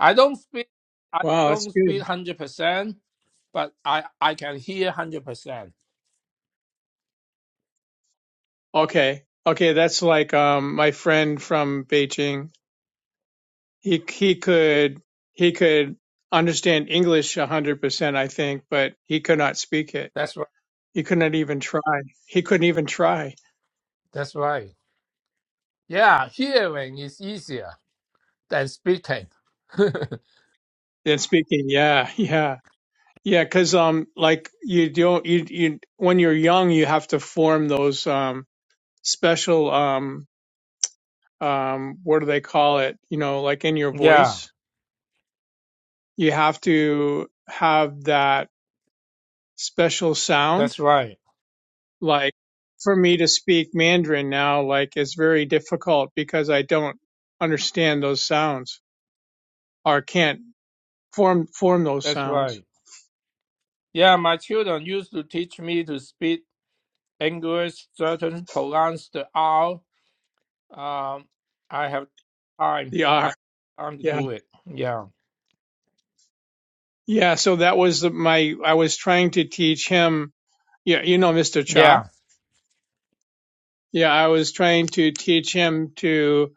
C: I don't speak I
B: Wow. That's
C: don't speak
B: good.
C: hundred percent, but I I can hear one hundred percent.
B: Okay. Okay, that's like um my friend from Beijing. He he could he could understand English a hundred percent, I think, but he could not speak it.
C: That's right.
B: He could not even try. He couldn't even try.
C: That's right. Yeah, hearing is easier than speaking.
B: Then speaking, yeah, yeah. yeah. Because um like you don't you you when you're young you have to form those um special um um what do they call it? You know, like in your
C: yeah,
B: voice. You have to have that special sound
C: that's right.
B: like for me to speak Mandarin now, like it's very difficult because I don't understand those sounds or can't form form those
C: That's
B: sounds.
C: right. Yeah, my children used to teach me to speak English, certain pronounce the R. Um, I have time.
B: The
C: I have
B: R,
C: time to
B: yeah,
C: do it. Yeah.
B: yeah. So that was the, my. I was trying to teach him. Yeah, you know, Mr. Cha.
C: Yeah.
B: Yeah, I was trying to teach him to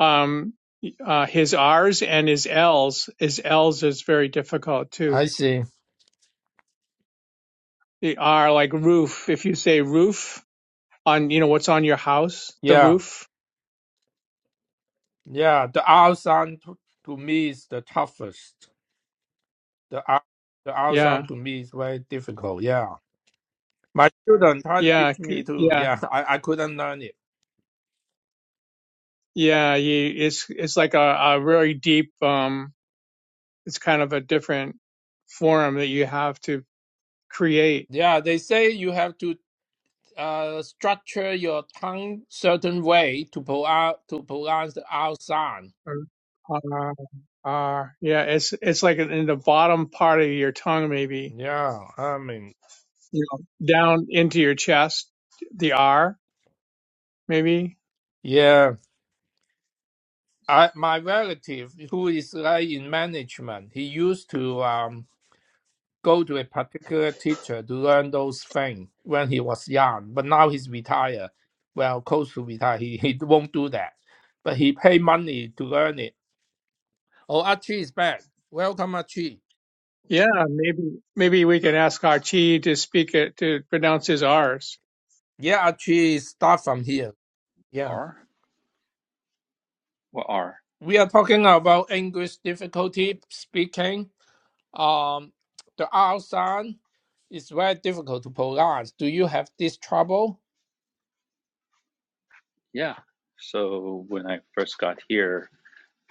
B: um uh his R's and his L's. His L's is very difficult too.
C: I see.
B: The R, like roof. If you say roof on, you know, what's on your house, the
C: Yeah.
B: roof.
C: Yeah. The R sound to, to me is the toughest. The R, the R
B: Yeah
C: sound to me is very difficult. Yeah. My children tried to
B: Yeah,
C: teach me
B: c-
C: too.
B: yeah,
C: Yeah, I, I couldn't learn it.
B: yeah. You, it's it's like a, a really deep. Um, it's kind of a different form that you have to create.
C: Yeah, they say you have to uh, structure your tongue certain way to pro- to pronounce the out sound.
B: Uh, uh, yeah, it's it's like in the bottom part of your tongue, maybe
C: Yeah, I mean,
B: you know, down into your chest, the R, maybe.
C: yeah. I my relative who is like in management, he used to um go to a particular teacher to learn those things when he was young. But now he's retired. Well, close to retire, he, he won't do that. But he pay money to learn it Oh, Archie is back. Welcome, Archie.
B: Yeah, maybe maybe we can ask our chi to speak it to pronounce his R's.
C: Yeah, Archie, start from here. Yeah.
D: R? What R?
C: We are talking about English difficulty speaking. Um, the R sound is very difficult to pronounce. Do you have this trouble?
D: Yeah. So when I first got here,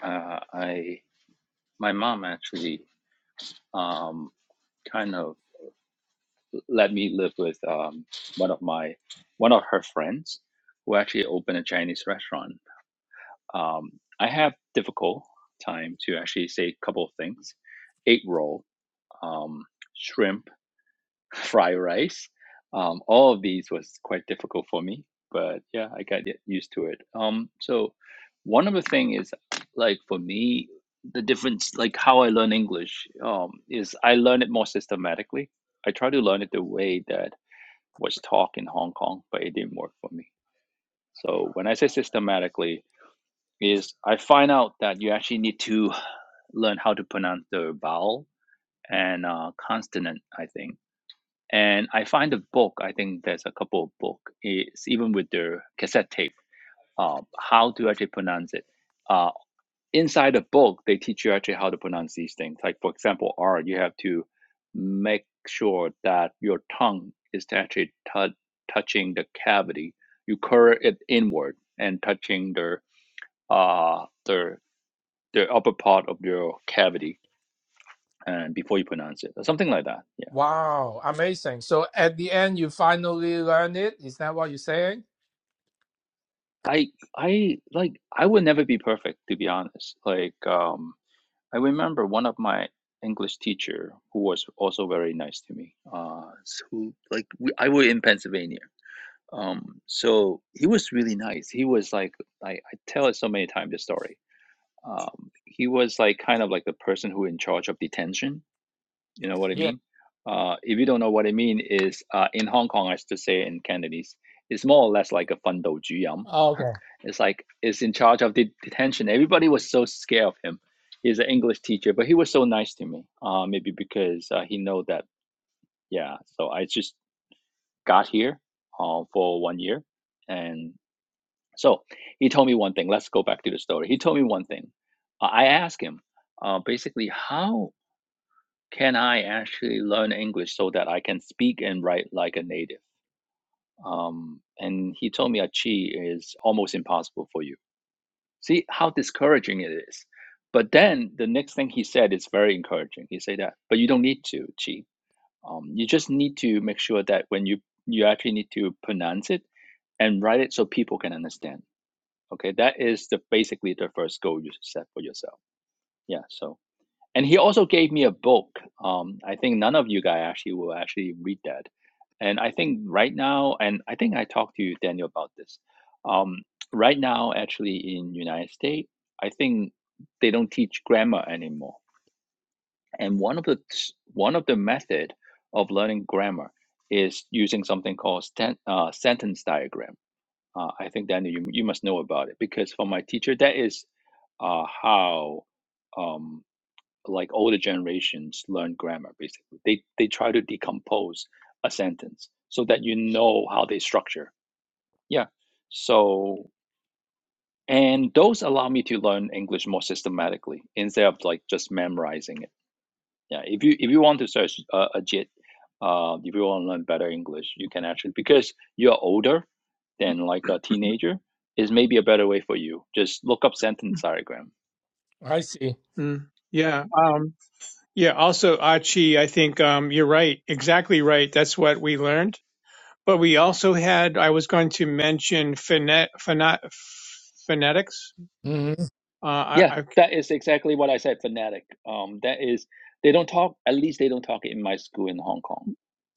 D: uh, I my mom actually um, kind of let me live with um, one of my one of her friends who actually opened a Chinese restaurant. Um, I have difficult time to actually say a couple of things: egg roll, um, shrimp Fry rice. Um, all of these was quite difficult for me, but yeah, I got y- used to it. Um, so one of the thing is like for me, the difference, like how I learn English, um, is I learn it more systematically. I try to learn it the way that was taught in Hong Kong, but it didn't work for me. So when I say systematically, is I find out that you actually need to learn how to pronounce the vowel and uh, consonant. I think and I find the book, I think there's a couple of book, it's even with the cassette tape, uh, how to actually pronounce it. Uh, inside the book, they teach you actually how to pronounce these things. Like, for example, R, you have to make sure that your tongue is actually tou- touching the cavity. You curl it inward and touching the, uh, the, the upper part of your cavity and before you pronounce it, or something like that. yeah.
C: Wow, amazing. So at the end, you finally learn it. Is that what you're saying?
D: I I like I would never be perfect to be honest. Like um I remember one of my English teacher who was also very nice to me. Uh s- who like we, I were in Pennsylvania. Um so he was really nice. He was like I, I tell it so many times the story. Um he was like kind of like the person who in charge of detention. You know what I
C: Yeah.
D: mean? Uh if you don't know what I mean is uh in Hong Kong I used to say in Cantonese, it's more or less like a fun dou ju yam.
C: Okay.
D: It's like is in charge of the detention. Everybody was so scared of him. He's an English teacher, but he was so nice to me. Uh, maybe because uh, he know that. Yeah. So I just got here uh, for one year, and so he told me one thing. Let's go back to the story. He told me one thing. Uh, I asked him uh, basically how can I actually learn English so that I can speak and write like a native. Um, and he told me, Chi is almost impossible for you See how discouraging it is. But then the next thing he said is very encouraging. He said that, but you don't need to, Chi. Um, you just need to make sure that when you you actually need to pronounce it and write it so people can understand. Okay, that is the basically the first goal you should set for yourself. Yeah. So and he also gave me a book. Um, I think none of you guys actually will actually read that. And I think right now, and I think I talked to you, Daniel, about this. Um, right now, actually in United States, I think they don't teach grammar anymore. And one of the one of the method of learning grammar is using something called sten- uh, sentence diagram. Uh, I think Daniel, you you must know about it because for my teacher, that is uh, how. Um, like older generations learn grammar basically they they try to decompose a sentence so that you know how they structure yeah so and those allow me to learn english more systematically instead of like just memorizing it yeah if you if you want to search uh, a jit uh, if you want to learn better english you can actually because you're older than like a teenager is maybe a better way for you just look up sentence diagram
C: I see.
B: Mm, yeah. um, Yeah, also Achi, I think um, you're right, exactly right. That's what we learned. But we also had, I was going to mention phonet, phonet, phonetics.
C: hmm
B: Uh, I,
D: Yeah,
B: I,
D: that is exactly what I said, fanatic. Um, that is, they don't talk, at least they don't talk in my school in Hong Kong.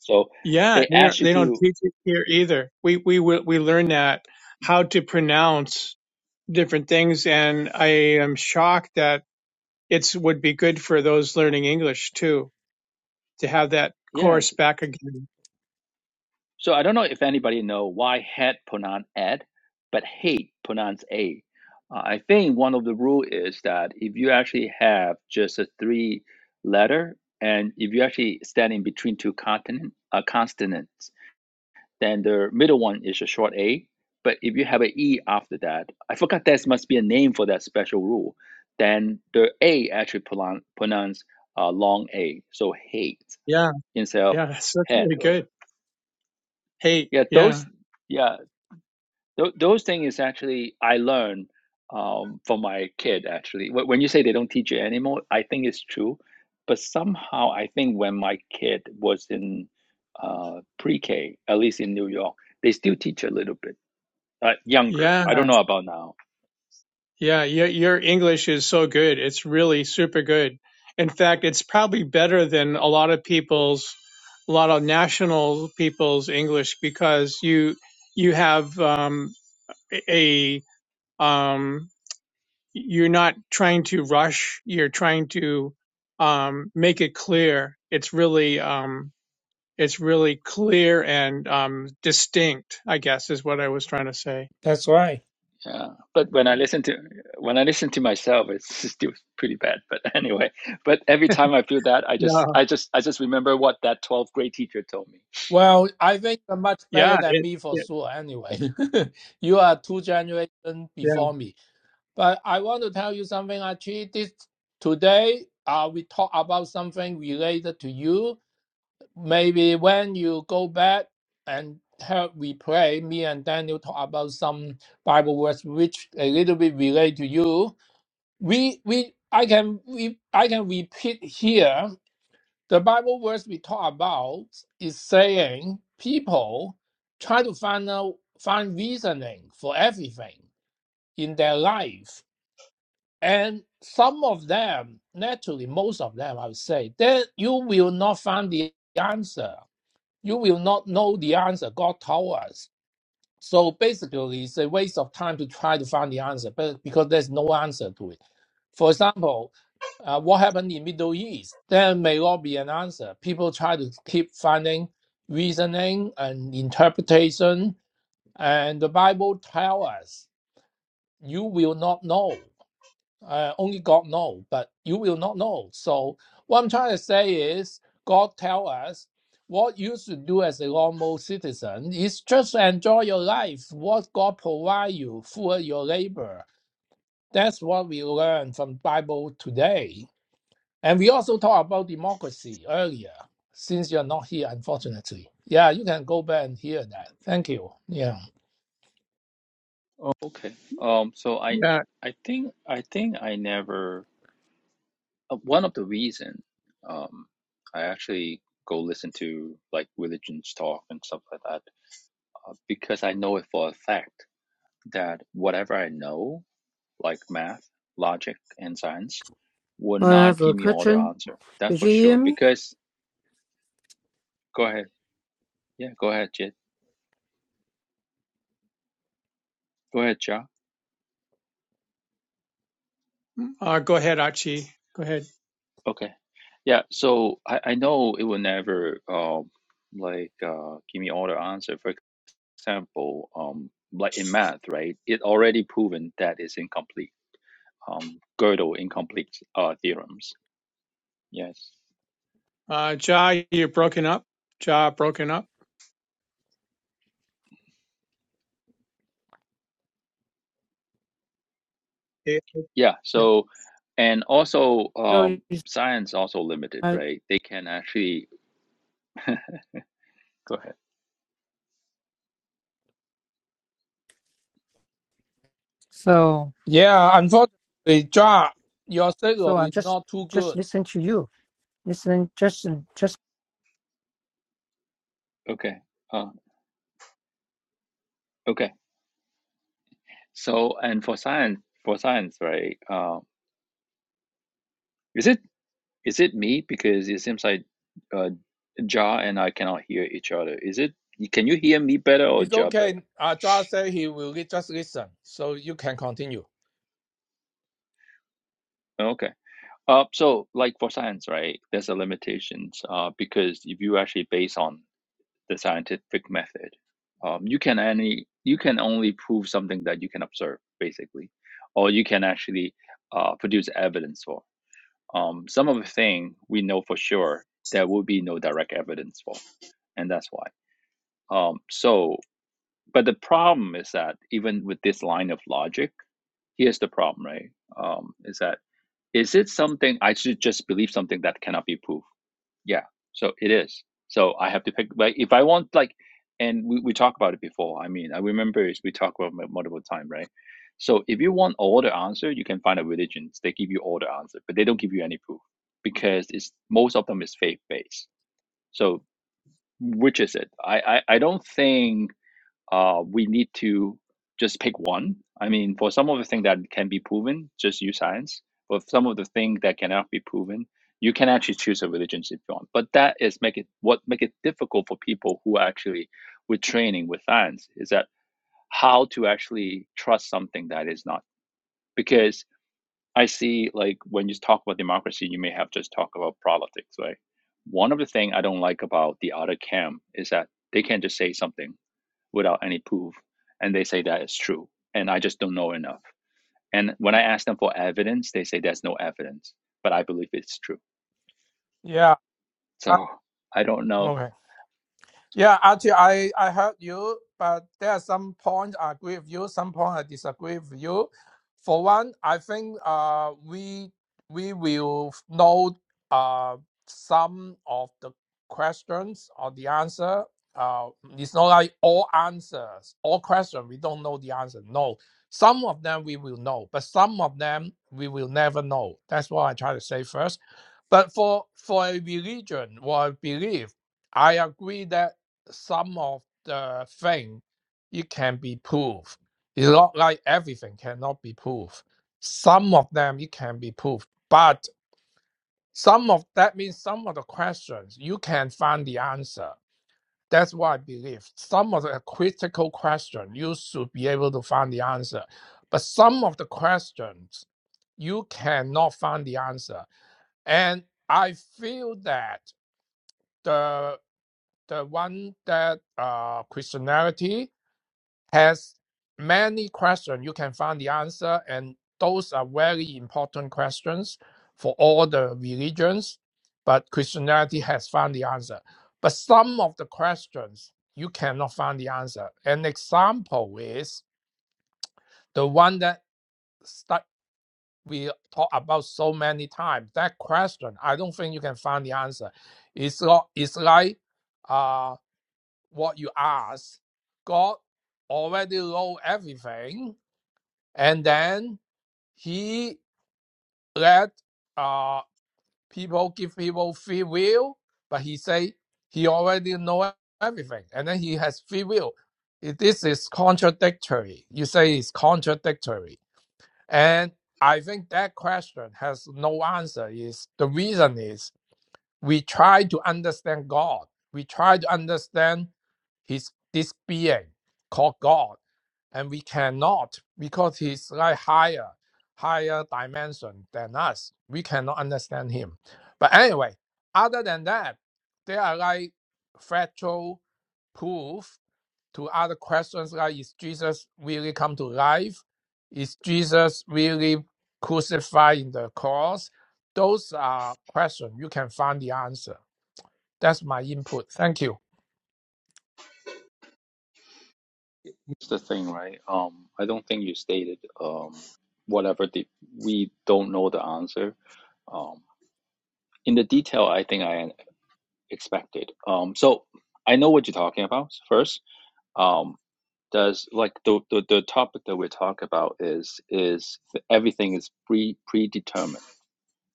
D: So
B: yeah,
D: they
B: they don't,
D: ask you
B: they don't
D: to,
B: teach it here either. We we will- we learn that how to pronounce different things, and I am shocked that it's would be good for those learning English too to have that course
D: yes.
B: back again.
D: So I don't know if anybody know why head pronounce ed, but hate pronounce a. Uh, I think one of the rule is that if you actually have just a three letter, and if you actually stand in between two continent, uh, consonants, Then the middle one is a short A. But if you have an E after that, I forgot there must be a name for that special rule. Then the A actually pronoun- pronounce uh, long A, so hate
B: Yeah,
D: instead of
B: yeah, that's that's
D: head.
B: really
D: Uh,
B: good. Hey,
D: Yeah,
B: yeah,
D: those yeah th- those things is actually I learned um, from my kid actually. Wh- When you say they don't teach you anymore, I think it's true. But somehow I think when my kid was in uh, pre-K, at least in New York, they still teach a little bit uh, younger.
B: yeah.
D: I don't know about now.
B: Yeah, your your English is so good. It's really super good. In fact, it's probably better than a lot of people's, a lot of national people's English because you you have um, a um, you're not trying to rush. You're trying to um, make it clear. It's really um, it's really clear and um, distinct. I guess is what I was trying to say.
C: That's right.
D: Yeah, but when I listen to when I listen to myself, it's still pretty bad. But anyway, but every time I feel that, I just
B: No.
D: I just I just remember what that 12th grade teacher told me.
C: Well, I think you're much better
B: Yeah.
C: than
B: It,
C: me for
B: it,
C: sure anyway. you are two generations
B: yeah.
C: before me. But I want to tell you something, Archie. This today, uh, we talk about something related to you. Maybe when you go back and help we pray, me and Daniel talk about some Bible words which a little bit relate to you. We we I can we I can repeat here. The Bible verse we talk about is saying people try to find out find reasoning for everything in their life and some of them, naturally, most of them, I would say, that you will not find the answer. You will not know the answer God told us. So basically, it's a waste of time to try to find the answer, but because there's no answer to it. For example, uh, what happened in Middle East? There may not be an answer. People try to keep finding reasoning and interpretation, and the Bible tells us you will not know uh, only God know, but you will not know. So what I'm trying to say is, God tell us what you should do as a normal citizen is just enjoy your life. What God provide you for your labor. That's what we learn from Bible today. And we also talk about democracy earlier. Since you're not here, unfortunately, yeah, you can go back and hear that. Thank you. Yeah,
D: Oh, okay. Um. So I
B: Yeah.
D: I think I think I never. uh, one of the reason um, I actually go listen to like religions talk and stuff like that uh, because I know it for a fact that whatever I know, like math, logic, and science, will
A: I have
D: not
A: a
D: give me all the
A: question.
D: answer. That's
A: Did
D: for
A: you hear
D: sure.
A: me?
D: Because go ahead, yeah, go ahead, Jit. Go ahead, Ja.
B: Uh, go ahead, Achi. Go ahead.
D: Okay, yeah. So I, I know it will never um like uh, give me all the answer. for. example, um, like in math, right? It already proven that it's incomplete. Um, Gödel incomplete uh, theorems. Yes.
B: Uh, Ja, you're broken up. Ja, broken up. Yeah.
D: Yeah.
B: yeah.
D: So, and also
A: No,
D: um, science also limited,
A: I,
D: right? They can actually go ahead.
A: so
C: yeah. Unfortunately, John, your
A: so
C: signal
A: I'm
C: is
A: just
C: not too
A: just
C: good.
A: listening to you. Listening just just.
D: Okay. Uh, okay. So, and for science, for science, right? Uh, is it is it me because it seems like uh, Ja and I cannot hear each other? Is it? Can you hear me better or
C: It's
D: Ja better?
C: okay. Uh, Josh said he will li- just listen, so you can continue.
D: Okay. Uh, so, like for science, right, there's a limitations uh, because if you actually base on the scientific method, um, you can any you can only prove something that you can observe, basically, or you can actually uh, produce evidence for. Um, some of the thing we know for sure there will be no direct evidence for, and that's why. Um, so, but the problem is that even with this line of logic, here's the problem, right? Um, is that is it something I should just believe something that cannot be proved? Yeah. So it is. So I have to pick like if I want like and we, we talked about it before. I mean, I remember is we talked about it multiple time, right? So if you want all the answer, you can find a religion. They give you all the answer, but they don't give you any proof because it's most of them is faith based. So which is it? I, I, I don't think uh, we need to just pick one. I mean, for some of the things that can be proven, just use science. For some of the things that cannot be proven, you can actually choose a religion if you want. But that is make it what make it difficult for people who are actually with training with science is that how to actually trust something that is not because I see like when you talk about democracy, you may have just talk about politics, right? One of the things I don't like about the other camp is that they can just say something without any proof. And they say that is true. And I just don't know enough. And when I ask them for evidence, they say there's no evidence, but I believe it's true.
C: Yeah. I,
D: So I don't know.
C: okay. Yeah, actually, I, I heard you, but there are some points I agree with you, some points I disagree with you. For one, I think uh, we we will know uh, some of the questions or the answer. Uh, it's not like all answers, all questions, we don't know the answer. No, some of them we will know, but some of them we will never know. That's what I try to say first. But for for a religion or a belief, I agree that some of the thing it can be proved. It's not like everything cannot be proved. Some of them it can be proved, but some of that means some of the questions you can find the answer. That's what I believe. Some of the critical question you should be able to find the answer, but some of the questions you cannot find the answer. And I feel that the the one that uh, Christianity has many questions. You can find the answer, and those are very important questions for all the religions. But Christianity has found the answer. But some of the questions you cannot find the answer. An example is the one that stu- we talk about so many times. That question, I don't think you can find the answer. It's not, it's like uh, what you ask. God already know everything and then he let uh people give people free will but he say he already know everything and then he has free will It- this is contradictory you say it's contradictory and i think that question has no answer is the reason is we try to understand God. We try to understand his this being called God, and we cannot because he's like higher, higher dimension than us. We cannot understand him. But anyway, other than that, there are like factual proof to other questions like is Jesus really come to life? Is Jesus really crucified in the cross? Those are questions you can find the answer. That's my input. Thank you.
D: It's the thing, right? Um, I don't think you stated um, whatever the we don't know the answer. Um, in the detail, I think I expected. Um, so I know what you're talking about. First, um, does like the, the the topic that we talk about is is everything is pre predetermined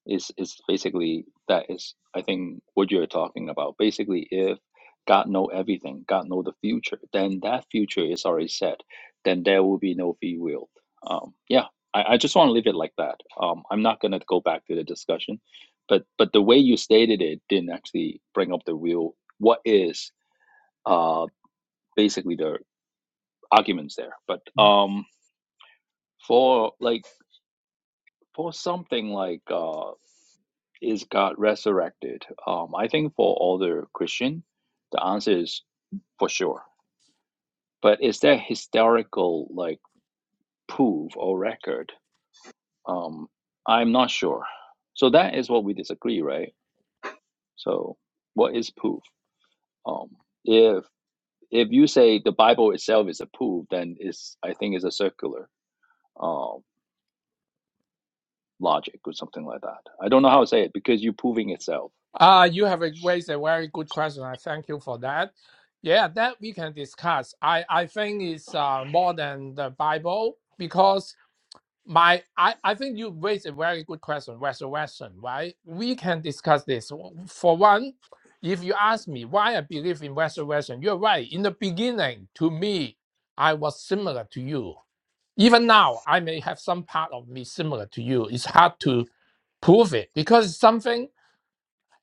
D: is is basically that is I think what you're talking about. Basically, if God know everything, God know the future, then that future is already set. Then there will be no free will. Um, yeah, I, I just want to leave it like that. Um, I'm not gonna go back to the discussion, but but the way you stated it didn't actually bring up the real what is uh basically the arguments there. But um, for like for something like uh. is God resurrected? Um, I think for all the Christian, the answer is for sure. But is there historical like proof or record? Um, I'm not sure. So that is what we disagree, right? So what is proof? Um, if if you say the Bible itself is a proof, then it's I think it's a circular um, logic or something like that. I don't know how to say it because you're proving itself.
C: Uh, you have raised a very good question. I thank you for that. Yeah, that we can discuss. I, I think it's uh, more than the Bible because My, I, I think you raised a very good question, resurrection, right? We can discuss this. For one, if you ask me why I believe in resurrection, you're right. In the beginning, to me, I was similar to you. Even now, I may have some part of me similar to you. It's hard to prove it because something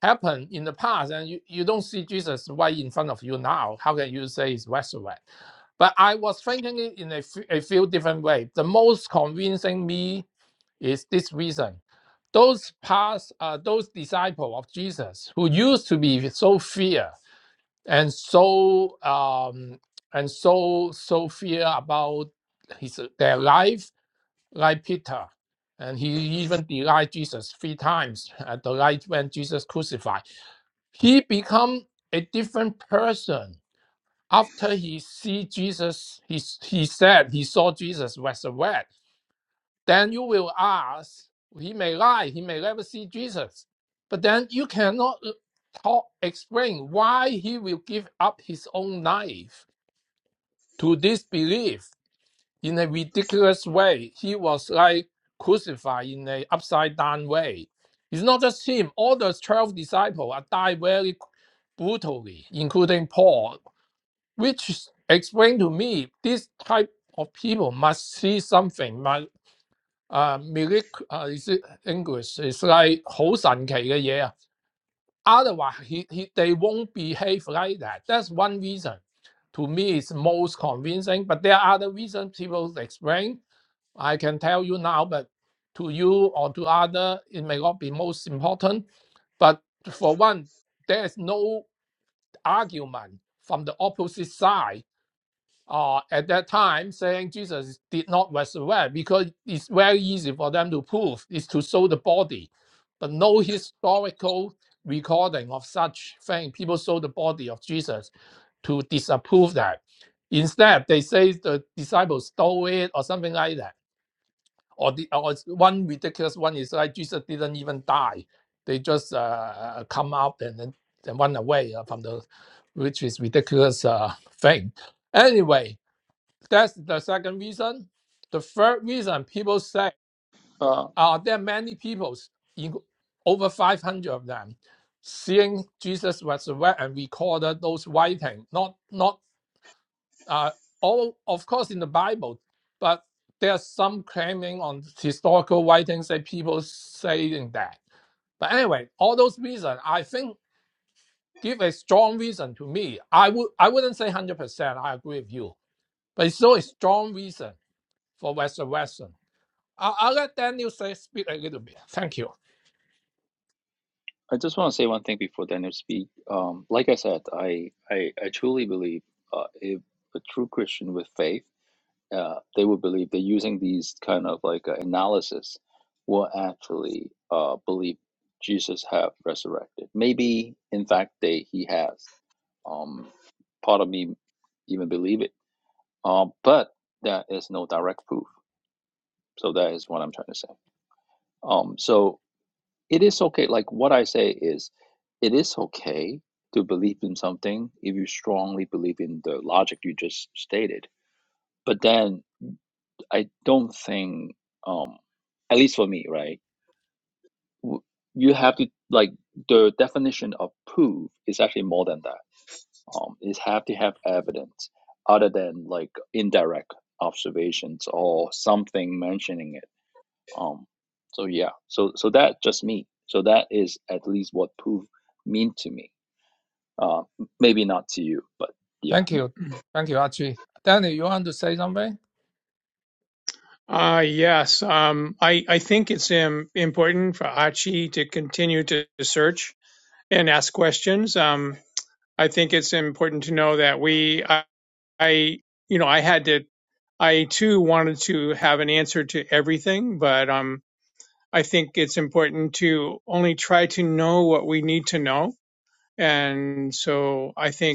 C: happened in the past and you, you don't see Jesus right in front of you now. How can you say it's resurrection? But I was thinking it in a f- a few different ways. The most convincing me is this reason. Those past, uh, those disciples of Jesus who used to be so fear and so um, and so so fear about his their life, like Peter, and he even denied Jesus three times at the night when Jesus crucified. He become a different person after he see Jesus. He, he said he saw Jesus resurrect then you will ask, he may lie, he may never see Jesus. But then you cannot uh, talk, explain why he will give up his own life to this belief in a ridiculous way. He was like crucified in an upside down way. It's not just him, all the 12 disciples are died very brutally, including Paul, which explained to me this type of people must see something, 啊 miracle 啊意思 English is like 好神奇嘅嘢啊。Otherwise he he they won't behave like that. That's one reason. To me is most convincing, but there are other reasons people explain. I can tell you now, but to you or to other, it may not be most important. But for one, there is no argument from the opposite side uh, at that time saying Jesus did not resurrect because it's very easy for them to prove is to show the body, but no historical recording of such thing. People show the body of Jesus to disapprove that. Instead, they say the disciples stole it or something like that. Or the or it's one ridiculous one is like Jesus didn't even die; they just uh, uh, come out and then and run away uh, from the, which is ridiculous uh, thing. Anyway, that's the second reason. The third reason people say,
D: Uh,
C: are there many people, in- over 500 of them, seeing Jesus resurrect and recorded those writing? Not, not uh, all, of course, in the Bible, but there's some claiming on historical writings that people saying that. But anyway, all those reasons, I think, give a strong reason to me. I would, I wouldn't say 100%. I agree with you, but it's still a strong reason for resurrection. I'll, I'll let Daniel say, speak a little bit. Thank you.
D: I just want to say one thing before Daniel speak. Um, like I said, I I, I truly believe uh, if a true Christian with faith, uh, they would believe that using these kind of like uh, analysis will actually uh, believe Jesus have resurrected. Maybe in fact they he has. Um, part of me even believe it. Um, but that is no direct proof. So that is what I'm trying to say. Um, so It is okay. Like what I say is, it is okay to believe in something if you strongly believe in the logic you just stated. But then I don't think, um, at least for me, right? w- You have to like the definition of proof is actually more than that. Um, is have to have evidence other than like indirect observations or something mentioning it. Um, so yeah, so so that just me. So that is at least what proof mean to me. Uh, maybe not to you, but yeah,
C: Thank you. Thank you, Archie. Daniel, you want to say something?
B: Uh, yes. Um, I, I think it's um, important for Achi to continue to search and ask questions. Um, I think it's important to know that we, I, I, you know, I had to, I too wanted to have an answer to everything, but um, I think it's important to only try to know what we need to know. And so I think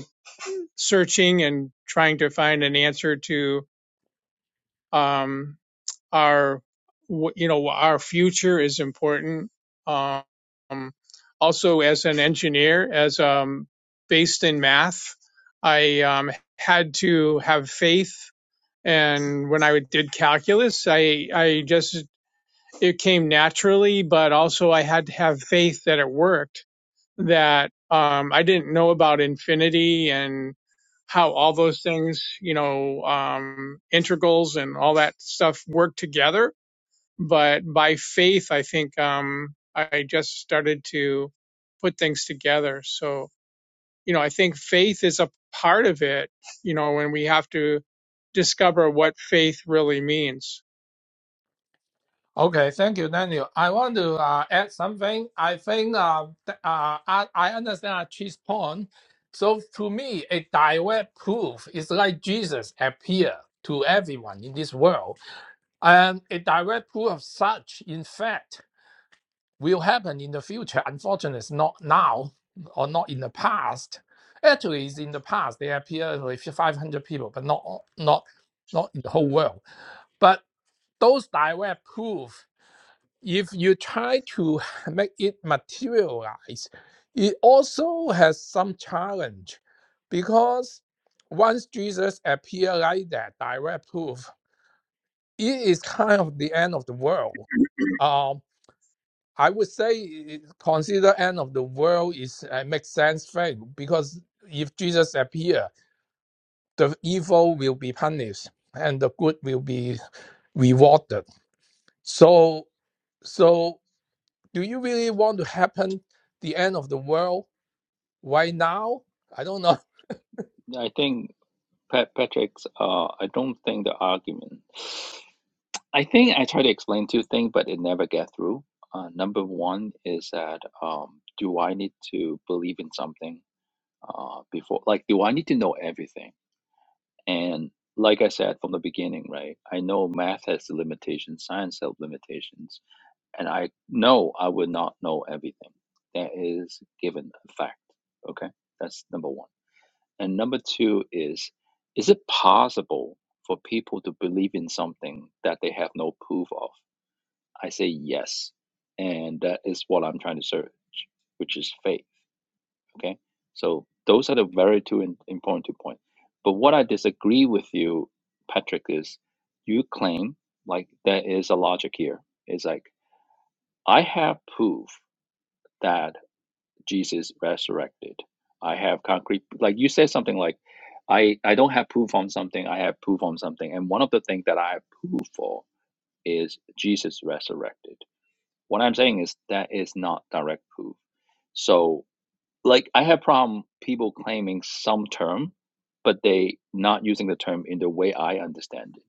B: searching and trying to find an answer to um, our you know our future is important um, also as an engineer as um, based in math i um, had to have faith and when i did calculus i i just it came naturally but also i had to have faith that it worked that um, I didn't know about infinity and how all those things, you know, um, integrals and all that stuff work together. But by faith, I think um, I just started to put things together. So, you know, I think faith is a part of it, you know, when we have to discover what faith really means.
C: Okay, thank you, Daniel. I want to uh, add something. I think uh, th- uh, I, I understand Chi's point. So to me, a direct proof is like Jesus appear to everyone in this world, and a direct proof of such, in fact, will happen in the future. Unfortunately, it's not now or not in the past. Actually, it's in the past. They appear with 500 people, but not not not in the whole world. But those direct proof if you try to make it materialize, it also has some challenge because once Jesus appeared like that, direct proof, it is kind of the end of the world. Um, I would say consider end of the world is uh, makes sense faith because if Jesus appear, the evil will be punished and the good will be rewarded. So so do you really want to happen the end of the world right now? I don't know.
D: I think Pat Patrick's. Uh, I don't think the argument. I think I try to explain two things, but it never get through. Uh, number one is that um, do I need to believe in something uh, before? Like, do I need to know everything? And like I said from the beginning, right? I know math has limitations, science has limitations and I know I would not know everything. That is given a fact. Okay, that's number one. And number two is, is it possible for people to believe in something that they have no proof of? I say yes, and that is what I'm trying to search, which is faith. Okay, so those are the very two in, important two points. But what I disagree with you, Patrick, is you claim like there is a logic here. It's like I have proof that Jesus resurrected. I have concrete, like you said something like, I, I don't have proof on something, I have proof on something. And one of the things that I have proof for is Jesus resurrected. What I'm saying is that is not direct proof. So like I have problem people claiming some term, but they not using the term in the way I understand it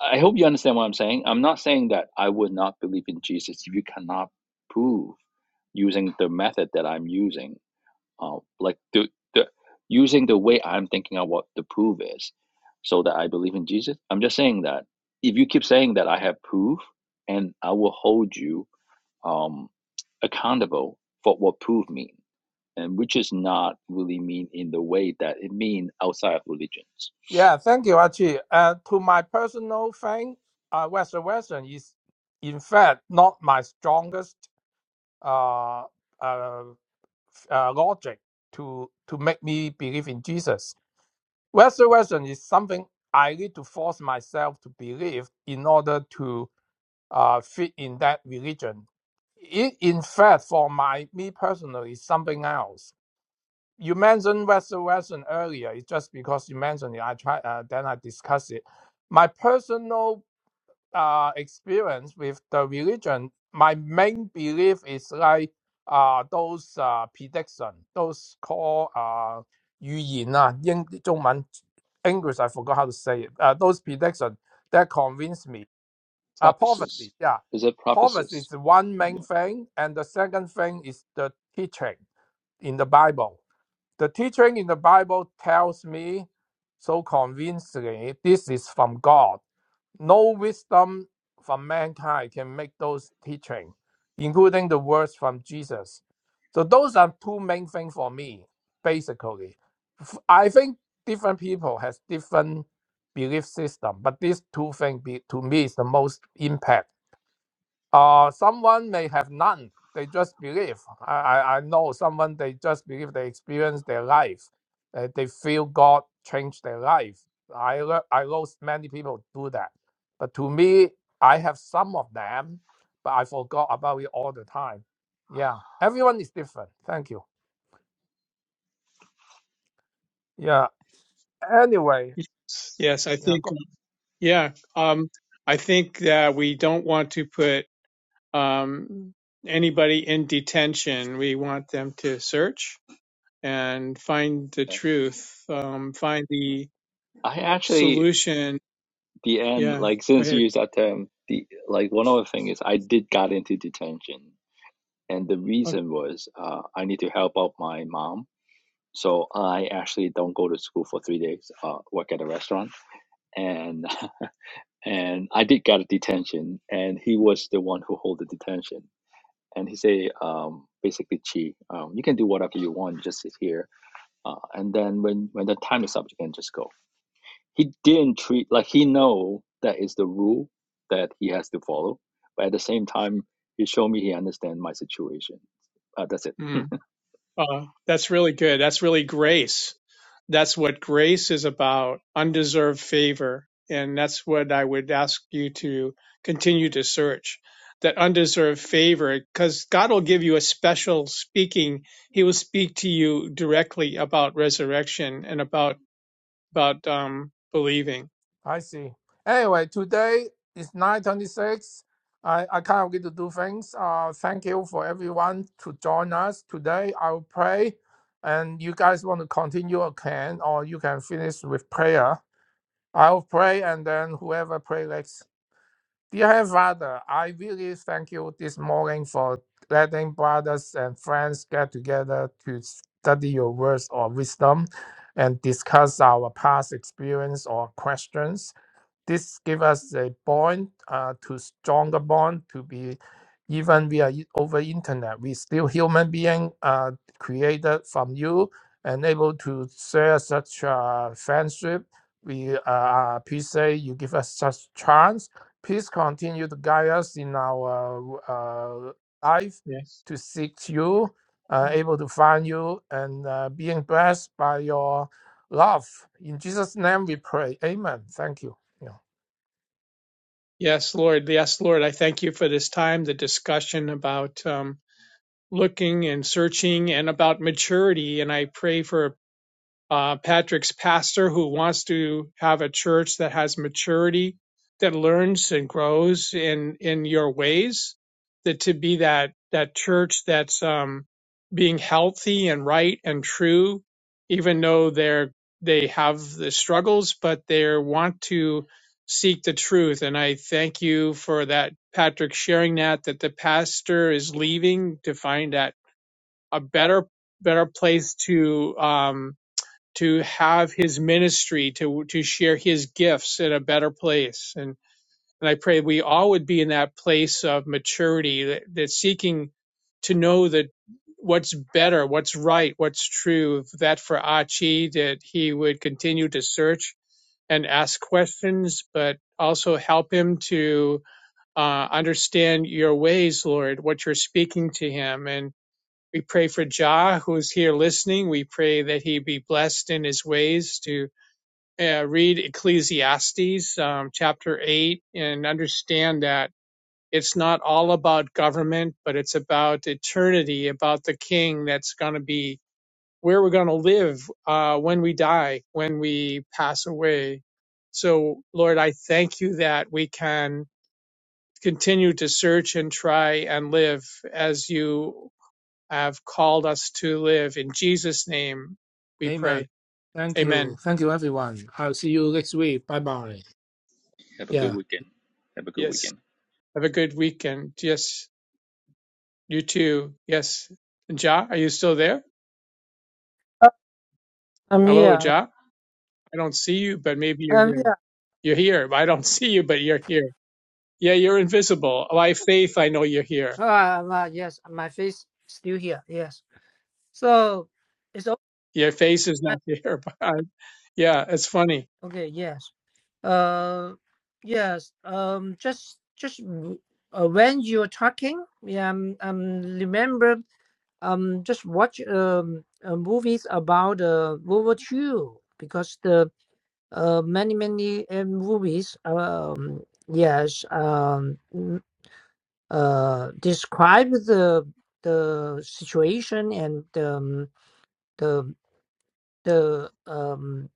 D: I hope you understand what I'm saying. I'm not saying that I would not believe in Jesus if you cannot prove using the method that I'm using, uh, like the, the using the way I'm thinking of what the proof is, so that I believe in Jesus. I'm just saying that if you keep saying that I have proof, and I will hold you um, accountable for what proof mean, and which is not really mean in the way that it mean outside of religions.
C: Yeah, thank you, Archie. Uh, to my personal thing, uh, Western Western is, in fact, not my strongest uh, uh, uh, logic to to make me believe in Jesus. Western Western is something I need to force myself to believe in order to uh, fit in that religion. It, in fact, for my me personally, is something else you mentioned Western Western earlier. It's just because you mentioned it. I try uh, then I discuss it. My personal uh, experience with the religion, my main belief is like uh, those uh, prediction, those called uh, 预言啊，英中文 English I forgot how to say it. Uh, those prediction that convince me. Uh,
D: Prophecies
C: prophecy, yeah,
D: is it
C: prophecy
D: prophecies?
C: is one main
D: Yeah.
C: thing, and the second thing is the teaching in the Bible the teaching in the Bible tells me so convincingly this is from God. No wisdom from mankind can make those teaching, including the words from Jesus. So those are two main things for me, basically. I think different people has different belief system, but these two things be, to me is the most impact uh, someone may have none. They just believe. I, I, I know someone, they just believe they experience their life. Uh, they feel God changed their life. I, lo- I know many people do that. But to me, I have some of them, but I forgot about it all the time. Yeah. Everyone is different. Thank you. Yeah. Anyway,
B: Yes, I
C: yeah.
B: think, yeah. Um, I think that we don't want to put um, anybody in detention, we want them to search and find the truth, um, find the
D: I actually,
B: solution.
D: the end,
B: Yeah,
D: like
B: go
D: since
B: ahead.
D: you used that term, the like one other thing is I did got into detention, and the
B: Okay.
D: reason was uh, I need to help out my mom, so I actually don't go to school for three days. Uh, work at a restaurant, and and I did got a detention, and he was the one who hold the detention, and he say um basically, Chi, um, you can do whatever you want, just sit here, uh, and then when when the time is up, you can just go he didn't treat like he know that is the rule that he has to follow but at the same time he showed me he understand my situation uh, that's it
B: Mm. Uh, that's really good. That's really grace. That's what grace is about, undeserved favor. And that's what I would ask you to continue to search that undeserved favor, because God will give you a special speaking. He will speak to you directly about resurrection and about, about, um, believing.
C: I see. Anyway, today is 9:26. I I kind of get to do things. Uh, thank you for everyone to join us today. I will pray, and you guys want to continue or can, or you can finish with prayer. I'll pray, and then whoever pray next. Dear Heavenly Father, I really thank you this morning for letting brothers and friends get together to study your words or wisdom, and discuss our past experience or questions. This give us a bond uh, to stronger bond to be even we are i- over internet, we still human being uh, created from you and able to share such uh, friendship. We uh, appreciate you give us such chance. Please continue to guide us in our uh, life
B: Yes.
C: to seek you, uh, able to find you, and uh, being blessed by your love. In Jesus' name we pray. Amen. Thank you. Yeah.
B: Yes, Lord. Yes, Lord. I thank you for this time, the discussion about, um, looking and searching and about maturity. And I pray for uh, Patrick's pastor who wants to have a church that has maturity, that learns and grows in in your ways, that to be that that church that's um, being healthy and right and true, even though they're they have the struggles, but they want to seek the truth. And I thank you for that, Patrick, sharing that that the pastor is leaving to find that a better better place to um, to have his ministry to to share his gifts in a better place and and I pray we all would be in that place of maturity that, that seeking to know that what's better what's right what's true that for Achi that he would continue to search and ask questions but also help him to uh, understand your ways Lord what you're speaking to him and. We pray for Jah, who is here listening. We pray that he be blessed in his ways to uh, read Ecclesiastes um, chapter 8 and understand that it's not all about government, but it's about eternity, about the king that's going to be where we're going to live uh, when we die, when we pass away. So, Lord, I thank you that we can continue to search and try and live as you have called us to live. In Jesus' name we
C: Amen.
B: pray.
C: Thank you.
B: Amen.
C: Thank you, everyone. I'll see you next week. Bye bye.
D: have a
C: Yeah.
D: good weekend have a good
B: Yes.
D: weekend
B: Have a good weekend. Yes. You too. Yes. Ja, are you still there?
A: Uh, I'm
B: Hello,
A: here.
B: Ja. I don't see you, but maybe you're
A: I'm
B: there.
A: here.
B: You're here. I don't see you, but you're here. Yeah, you're invisible. By faith, I know you're here.
A: Ah, ah, yes, my face still here. Yes. So it's all
B: Your face is
A: right.
B: not there, but I, yeah, it's funny.
A: okay. Yes. Uh, yes. Um, just just uh, when you're talking, yeah, I'm, I'm remember. um just watch um uh, movies about uh, World War II because the uh many many uh, movies um yes um mm, uh describe the the situation and um, the the um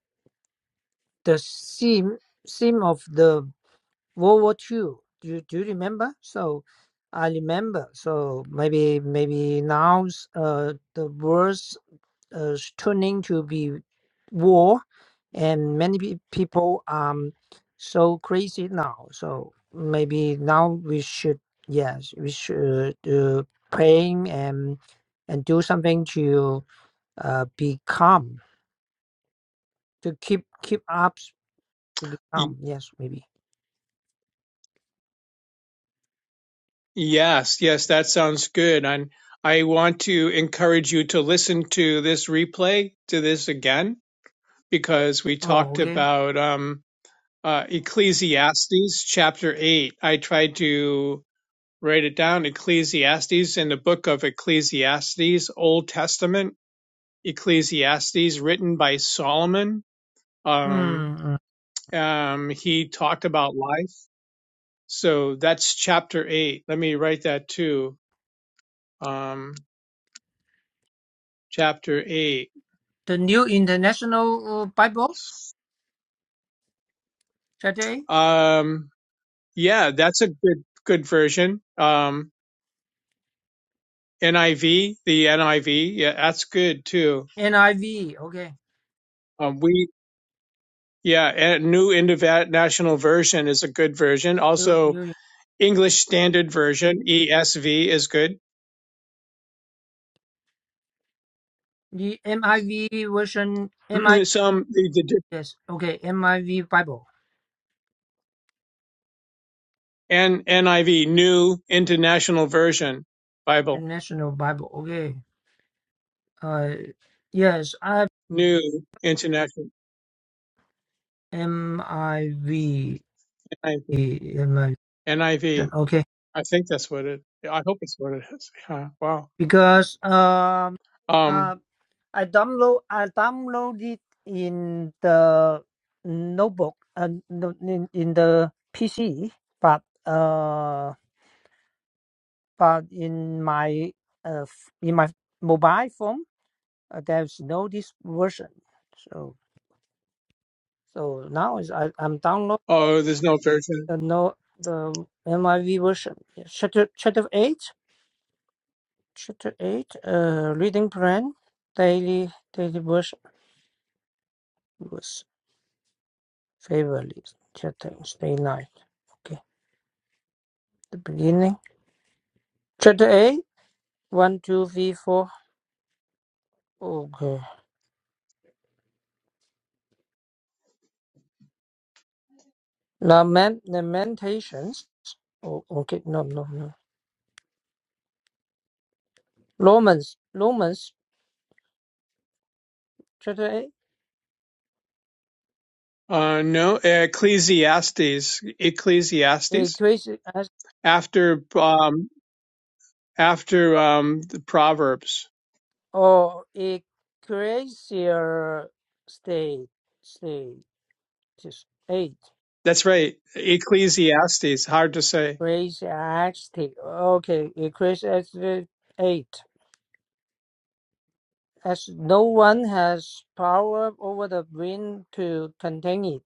A: the scene scene of the World War Two, Do you, do you remember? So I remember. So maybe maybe now uh, the world's uh, s- turning to be war, and many pe- people are so crazy now. So maybe now we should yes we should uh, praying and and do something to uh, be calm to keep keep up to be
B: Y-
A: calm. Yes, maybe.
B: Yes, yes, that sounds good. And I want to encourage you to listen to this replay, to this again because we
A: Oh,
B: talked
A: okay.
B: about um, uh, Ecclesiastes chapter 8. I tried to write it down Ecclesiastes in the book of Ecclesiastes, Old Testament, Ecclesiastes, written by Solomon. Um,
A: Mm,
B: um, he talked about life. So that's chapter 8. Let me write that too. Um, chapter 8.
A: The New International uh, Bible today,
B: Um, yeah, that's a good good version. Um, NIV, the NIV, yeah, that's good too.
A: NIV. Okay,
B: Um, we, yeah, and New International Version is a good version.
A: New
B: Also,
A: New
B: English Standard Version (ESV) is good.
A: the MIV version. MI
B: Some the, the
A: yes. Okay, MIV Bible,
B: and NIV, New International Version Bible,
A: International Bible. Okay. Uh, yes, I
B: New International
A: M
B: NIV. I
A: I V
B: V.
A: M I V
B: N I
A: version.
B: V.
A: Okay,
B: I think that's what it. I hope it's what it is. Yeah, wow.
A: because um
B: Um.
A: uh I download I downloaded in the notebook and in, in the PC, but uh. but in my uh, f- in my mobile phone uh, there's no this version so so now is I, i'm download
B: Oh, there's no version.
A: the no the miv version Yeah, chapter chapter 8 chapter 8 uh reading plan daily daily version was favorite chapter day 9 okay the beginning chapter eight one two three four okay Lament, lamentations oh okay no no no romans romans Today,
B: Uh, no, Ecclesiastes. Ecclesiastes. after um, after um, the Proverbs.
A: or Ecclesia state state just eight.
B: That's right, Ecclesiastes. Hard to say.
A: Ecclesiastic. Okay, Ecclesiastic eight. As no one has power over the wind to contain it,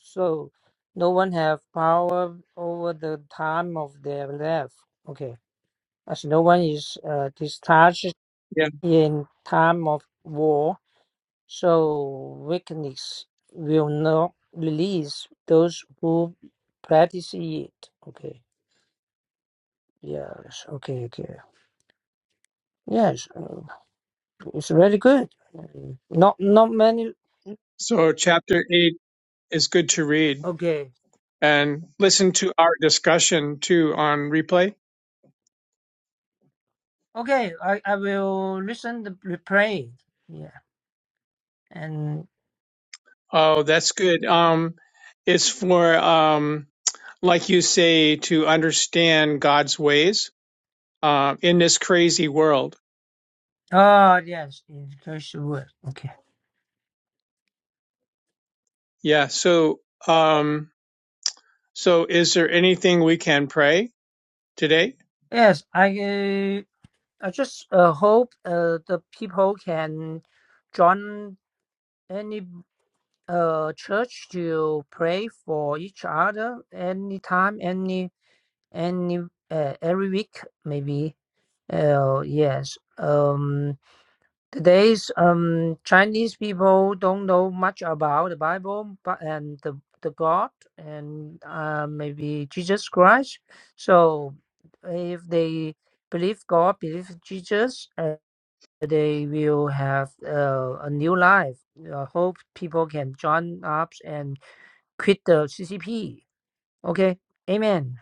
A: so no one have power over the time of their life Okay, as no one is uh, discharged
B: Yeah.
A: in time of war So weakness will not release those who practice it. Okay. Yes. Okay. Okay. Yes. uh, It's very good. Mm, Not not many.
B: So chapter eight is good to read
A: Okay.
B: and listen to our discussion too on replay.
A: Okay. I I will listen the replay. Yeah. And
B: Oh, that's good. Um, it's for um, like you say, to understand God's ways uh, in this crazy world.
A: oh yes, in first word. Okay.
B: Yeah. So um, so is there anything we can pray today?
A: Yes. I uh, I just uh, hope uh, the people can join anybody uh church to pray for each other anytime any any uh, every week maybe uh yes um today's um chinese people don't know much about the bible but and the the god and uh maybe jesus christ so if they believe god believe jesus uh, they will have uh, a new life i hope people can join up and quit the CCP. Okay, Amen.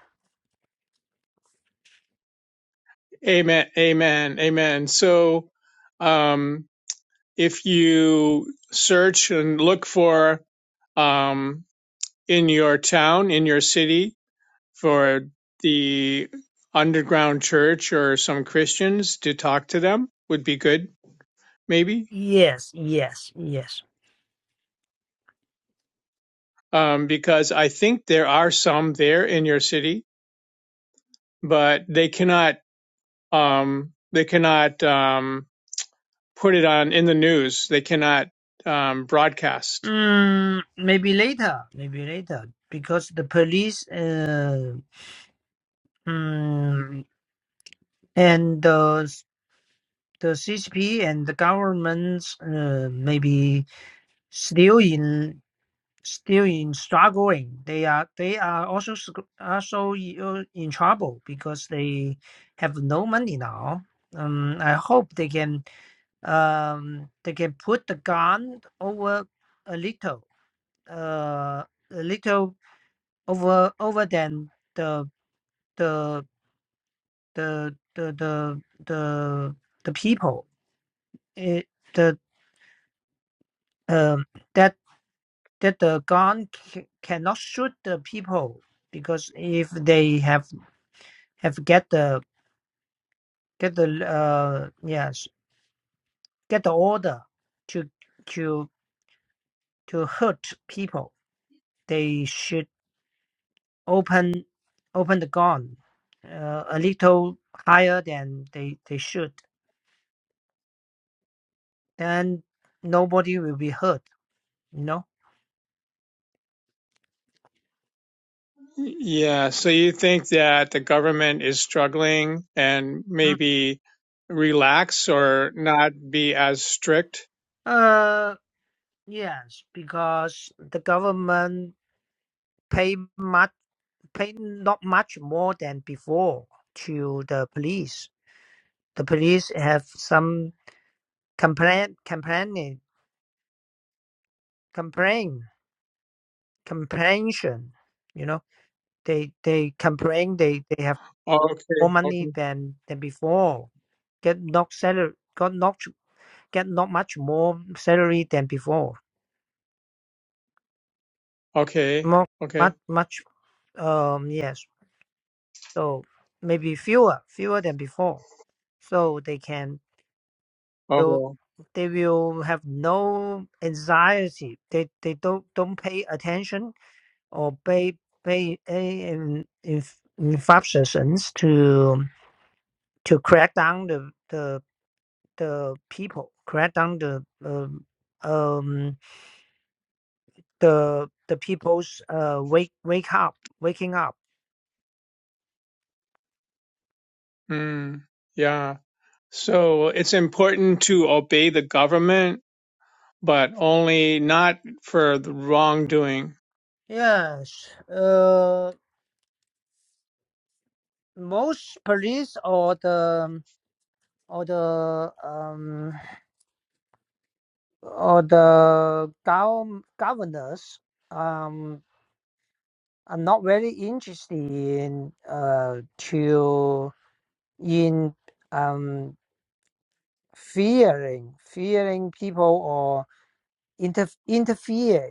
B: Amen. Amen. Amen. So, um, if you search and look for, um, in your town, in your city for the underground church or some Christians to talk to them would be good, maybe.
A: Yes, yes, yes.
B: Um, because I think there are some there in your city, but they cannot, um, they cannot, um, put it on in the news. They cannot, um, broadcast
A: Mm, maybe later, maybe later, because the police, uh, mm, and the the CCP and the governments, uh, maybe still in still in struggling. They are they are also sc- also i- in trouble because they have no money now. Um, I hope they can. um, they can put the gun over a little, uh, a little over over than the the the the the the, the people. It, the um, that that the gun c- cannot shoot the people because if they have have get the get the uh yes get the order to to to hurt people, they should open open the gun uh, a little higher than they they should then nobody will be hurt you know
B: Yeah, so you think that the government is struggling and
A: Mm.
B: maybe relax or not be as strict?
A: uh yes because the government pay much pay not much more than before to the police the police have some complaint complaining complain comprehension you know they they complain they they have
B: Oh,
A: more
B: okay,
A: money
B: okay,
A: than than before. Get not salary, got not get not much more salary than before.
B: okay,
A: More
B: okay.
A: much much um yes. So maybe fewer fewer than before. So they can will
B: Oh,
A: they will have no anxiety. They they don't don't pay attention or pay pay eh, in in infractions to to crack down the the the people, crack down the um, um the the people's uh wake wake up waking up.
B: mm, yeah. So it's important to obey the government, but only not for the wrongdoing.
A: Yes, uh, most police or the or the um or the gov governors um are not very interested in uh to in um fearing fearing people or. inter, interfere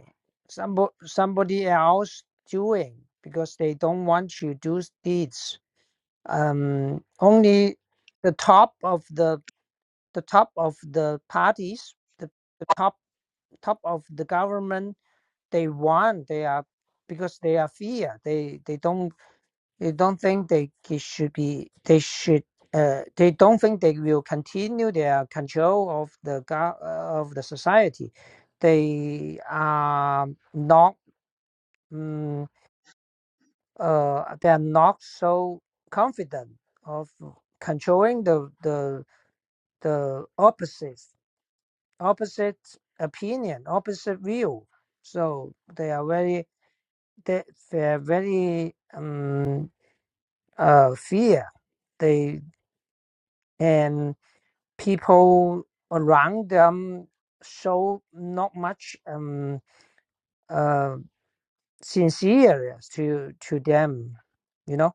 A: somebody, somebody else doing because they don't want you do deeds um only the top of the the top of the parties the, the top top of the government they want they are because they are fear they they don't they don't think they should be. They should. Uh, they don't think they will continue their control of the uh, of the society. They are not. Um, uh, they are not so confident of controlling the the the opposite opposite opinion, opposite view. So they are very they, they are very um, uh, fear. They and people around them show not much um uh sincere to to them you know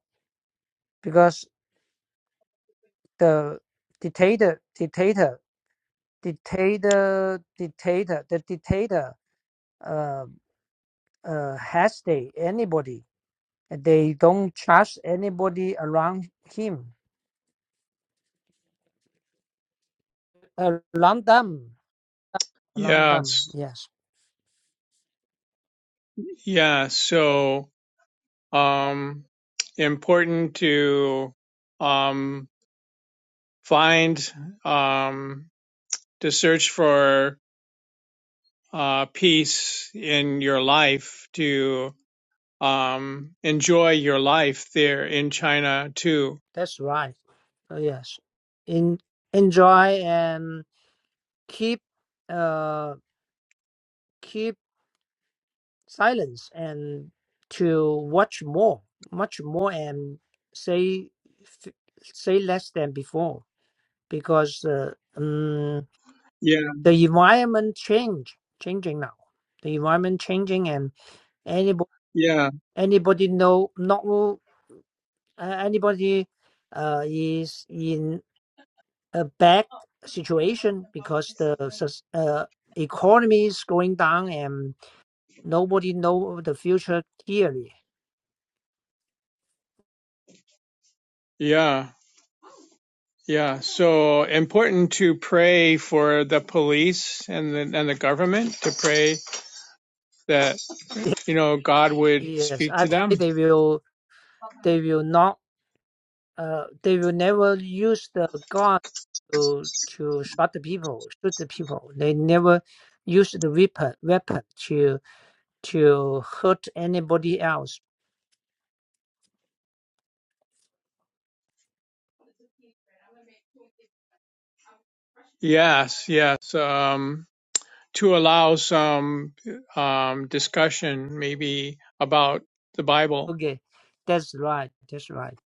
A: because the dictator dictator dictator dictator the dictator uh uh has they anybody they don't trust anybody around him around them around them
B: Yes,
A: yes
B: yeah. So, um, important to um find um to search for uh, peace in your life, to um, enjoy your life there in China too.
A: that's right Oh, yes in enjoy and. keep uh keep silence and to watch more much more and say f- say less than before because uh, um,
B: Yeah,
A: the environment change changing now the environment changing and anybody
B: yeah,
A: anybody know not all- uh, anybody uh, is in a bad situation because the sus- uh, economy is going down and. Nobody know the future clearly.
B: yeah, yeah. So important to pray for the police and the and the government to pray that you know God would
A: Yes,
B: speak
A: I
B: to
A: pray
B: them.
A: they will they will not uh they will never use the gun to to shot the people, shoot the people. They never use the weapon weapon to to hurt anybody else.
B: Yes, yes. Um, to allow some um, discussion maybe about the Bible.
A: Okay, that's right, that's right.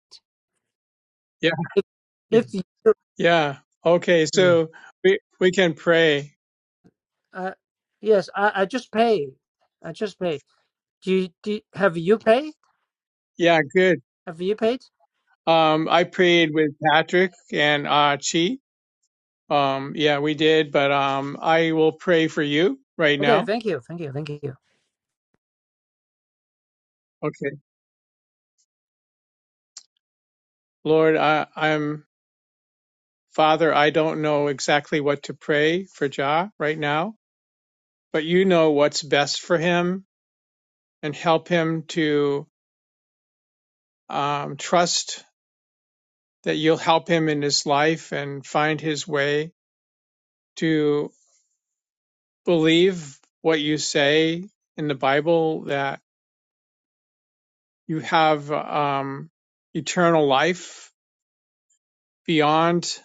B: Yeah.
A: If if you
B: Yeah. Okay.
A: mm,
B: So we we can pray.
A: uh yes, I, I just pay. I just pay. Do you, do you- have you paid?
B: Yeah. Good.
A: Have you paid?
B: Um, I prayed with Patrick and uh, Chi. Um, yeah, we did. But um, I will pray for you right
A: Okay,
B: now.
A: thank you, thank you, thank you.
B: Okay. Lord, I, I'm Father. I don't know exactly what to pray for Ja right now, but you know what's best for him and help him to um, trust that you'll help him in his life and find his way to. believe what you say in the Bible that you have um, eternal life beyond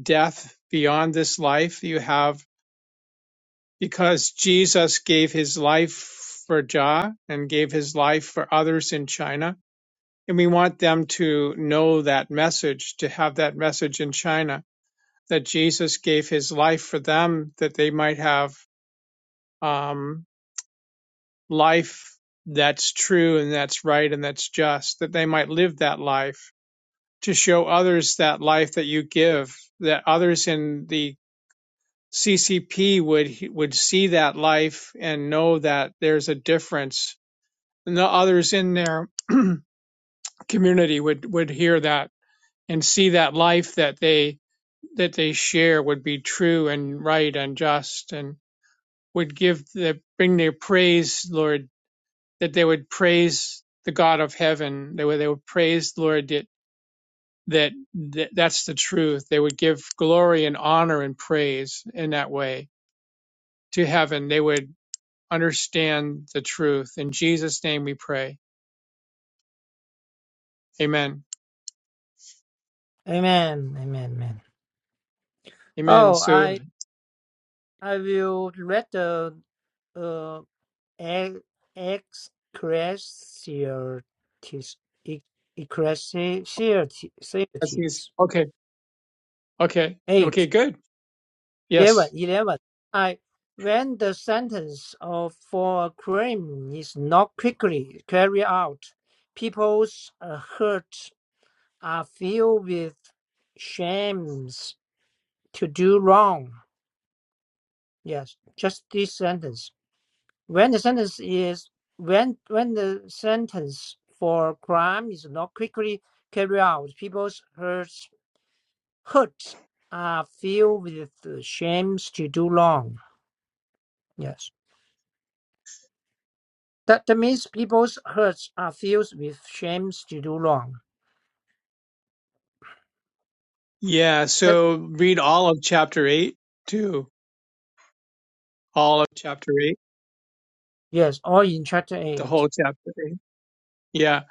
B: death, beyond this life you have because Jesus gave his life for Jah and gave his life for others in China. And we want them to know that message, to have that message in China that Jesus gave his life for them that they might have. Um, life that's true and that's right and that's just, that they might live that life to show others that life that you give, that others in the CCP would would see that life and know that there's a difference, and the others in their community would would hear that and see that life that they that they share would be true and right and just and would give the bring their praise, Lord, that they would praise the God of heaven. They would they would praise the Lord that that, that that's the truth. They would give glory and honor and praise in that way to heaven. They would understand the truth. In Jesus' name we pray. Amen.
A: Amen. Amen. Amen.
B: Amen.
A: Oh,
B: So
A: I I will read the uh e- ecclesiastes e-
B: that's easy.
A: ecclesiastes
B: Okay. Okay. Okay,
A: eight
B: good.
A: eleven
B: Yes.
A: eleven. I when the sentence of for a crime is not quickly carried out, people's uh, hearts are filled with shames to do wrong. Yes, just this sentence. When the sentence is when when the sentence for crime is not quickly carried out, people's hearts hearts are filled with the shames to do wrong. Yes, that that means people's hearts are filled with shames to do wrong.
B: Yeah.
A: That
B: So read all of chapter eight too. All of chapter eight.
A: yes, all in chapter
B: The whole
A: eight.
B: chapter eight. Yeah.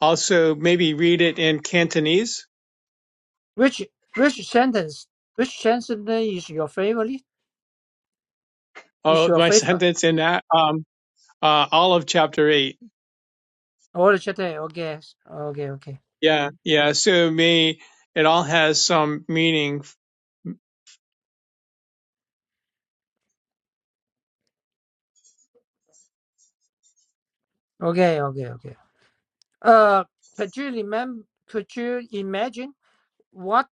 B: Also maybe read it in Cantonese
A: Which which sentence which sentence is your favorite? Is
B: Oh,
A: your
B: my
A: favorite?
B: sentence in that, um, uh, all of chapter eight.
A: All the chapter eight. Okay, okay, okay,
B: Yeah, yeah. So may it all has some meaning.
A: okay, okay, okay. Uh, could you remember? Could you imagine what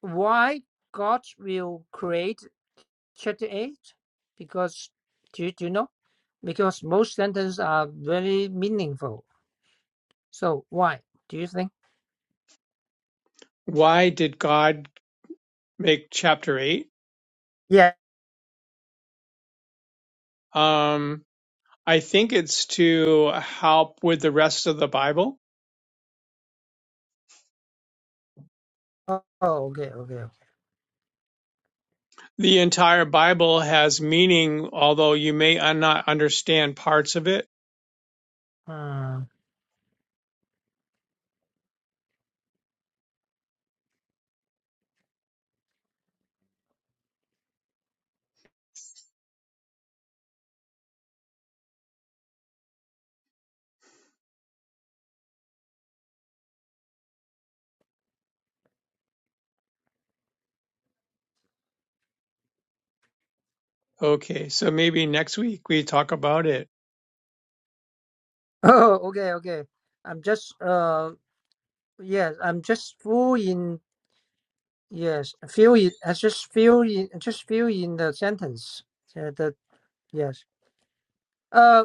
A: why God will create chapter eight? Because do you, do you know? Because most sentences are very meaningful. So why do you think?
B: Why did God make chapter eight?
A: Yeah.
B: Um, I think it's to help with the rest of the Bible.
A: Oh, oh, okay, okay.
B: The entire Bible has meaning, although you may un- not understand parts of it.
A: Hmm.
B: Okay, so maybe next week we talk about it.
A: Oh, okay, okay. I'm just uh yes, I'm just full in yes, feel it. I just feel in just feel in the sentence. Uh, the yes. Uh.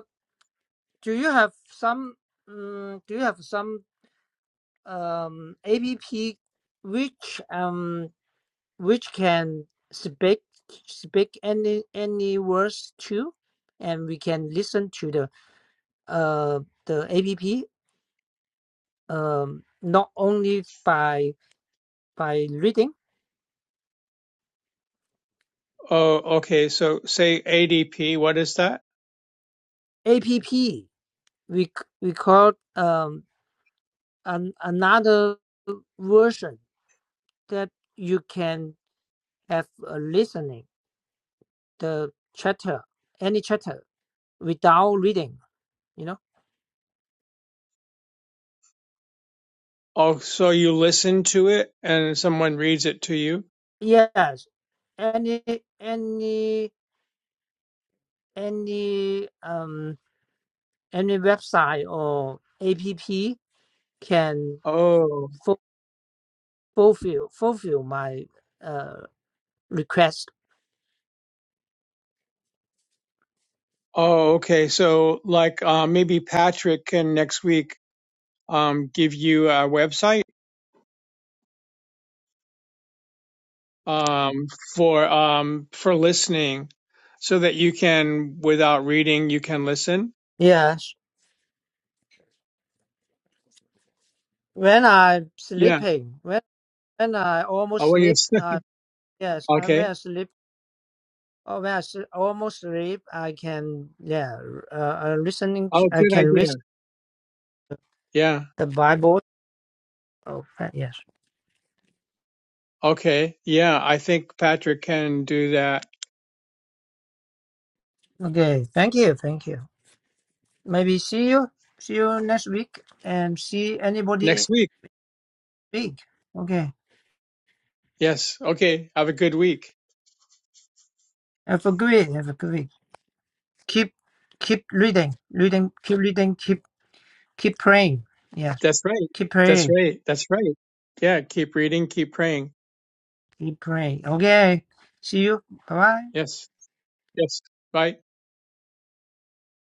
A: Do you have some um? do you have some um APP which um which can speak speak any any words to and we can listen to the uh the APP um not only by by reading
B: Oh, okay. So say ADP. What is that?
A: APP we c- we call um an, another version that you can have a listening the chatter any chatter without reading you know
B: Oh, so you listen to it and someone reads it to you?
A: yes any any any um any website or app can
B: Oh,
A: fu- fulfill fulfill my uh request
B: oh, okay. So, like, uh, maybe Patrick can next week um, give you a website um, for um, for listening, so that you can, without reading, you can listen.
A: yes when i'm
B: Yeah.
A: sleeping when when i
B: Oh,
A: almost
B: well,
A: sleep
B: yes.
A: uh yes i when
B: okay.
A: i sleep or when i s- almost sleep i can yeah uh, uh listening
B: Oh,
A: to, i
B: good
A: can read
B: idea. Yeah.
A: the bible okay yes
B: Okay. Yeah, I think Patrick can do that
A: okay thank you thank you Maybe see you. See you next week and see anybody
B: next week.
A: big. Okay.
B: Yes. Okay. Have a good week.
A: Have a good week. Have a good week. Keep keep reading. Reading keep reading. Keep keep praying. Yes.
B: That's right.
A: Keep
B: That's
A: praying.
B: right. That's right. Yeah. Keep reading. Keep praying.
A: Keep praying. Okay. See you. Bye bye.
B: Yes. Yes. Bye.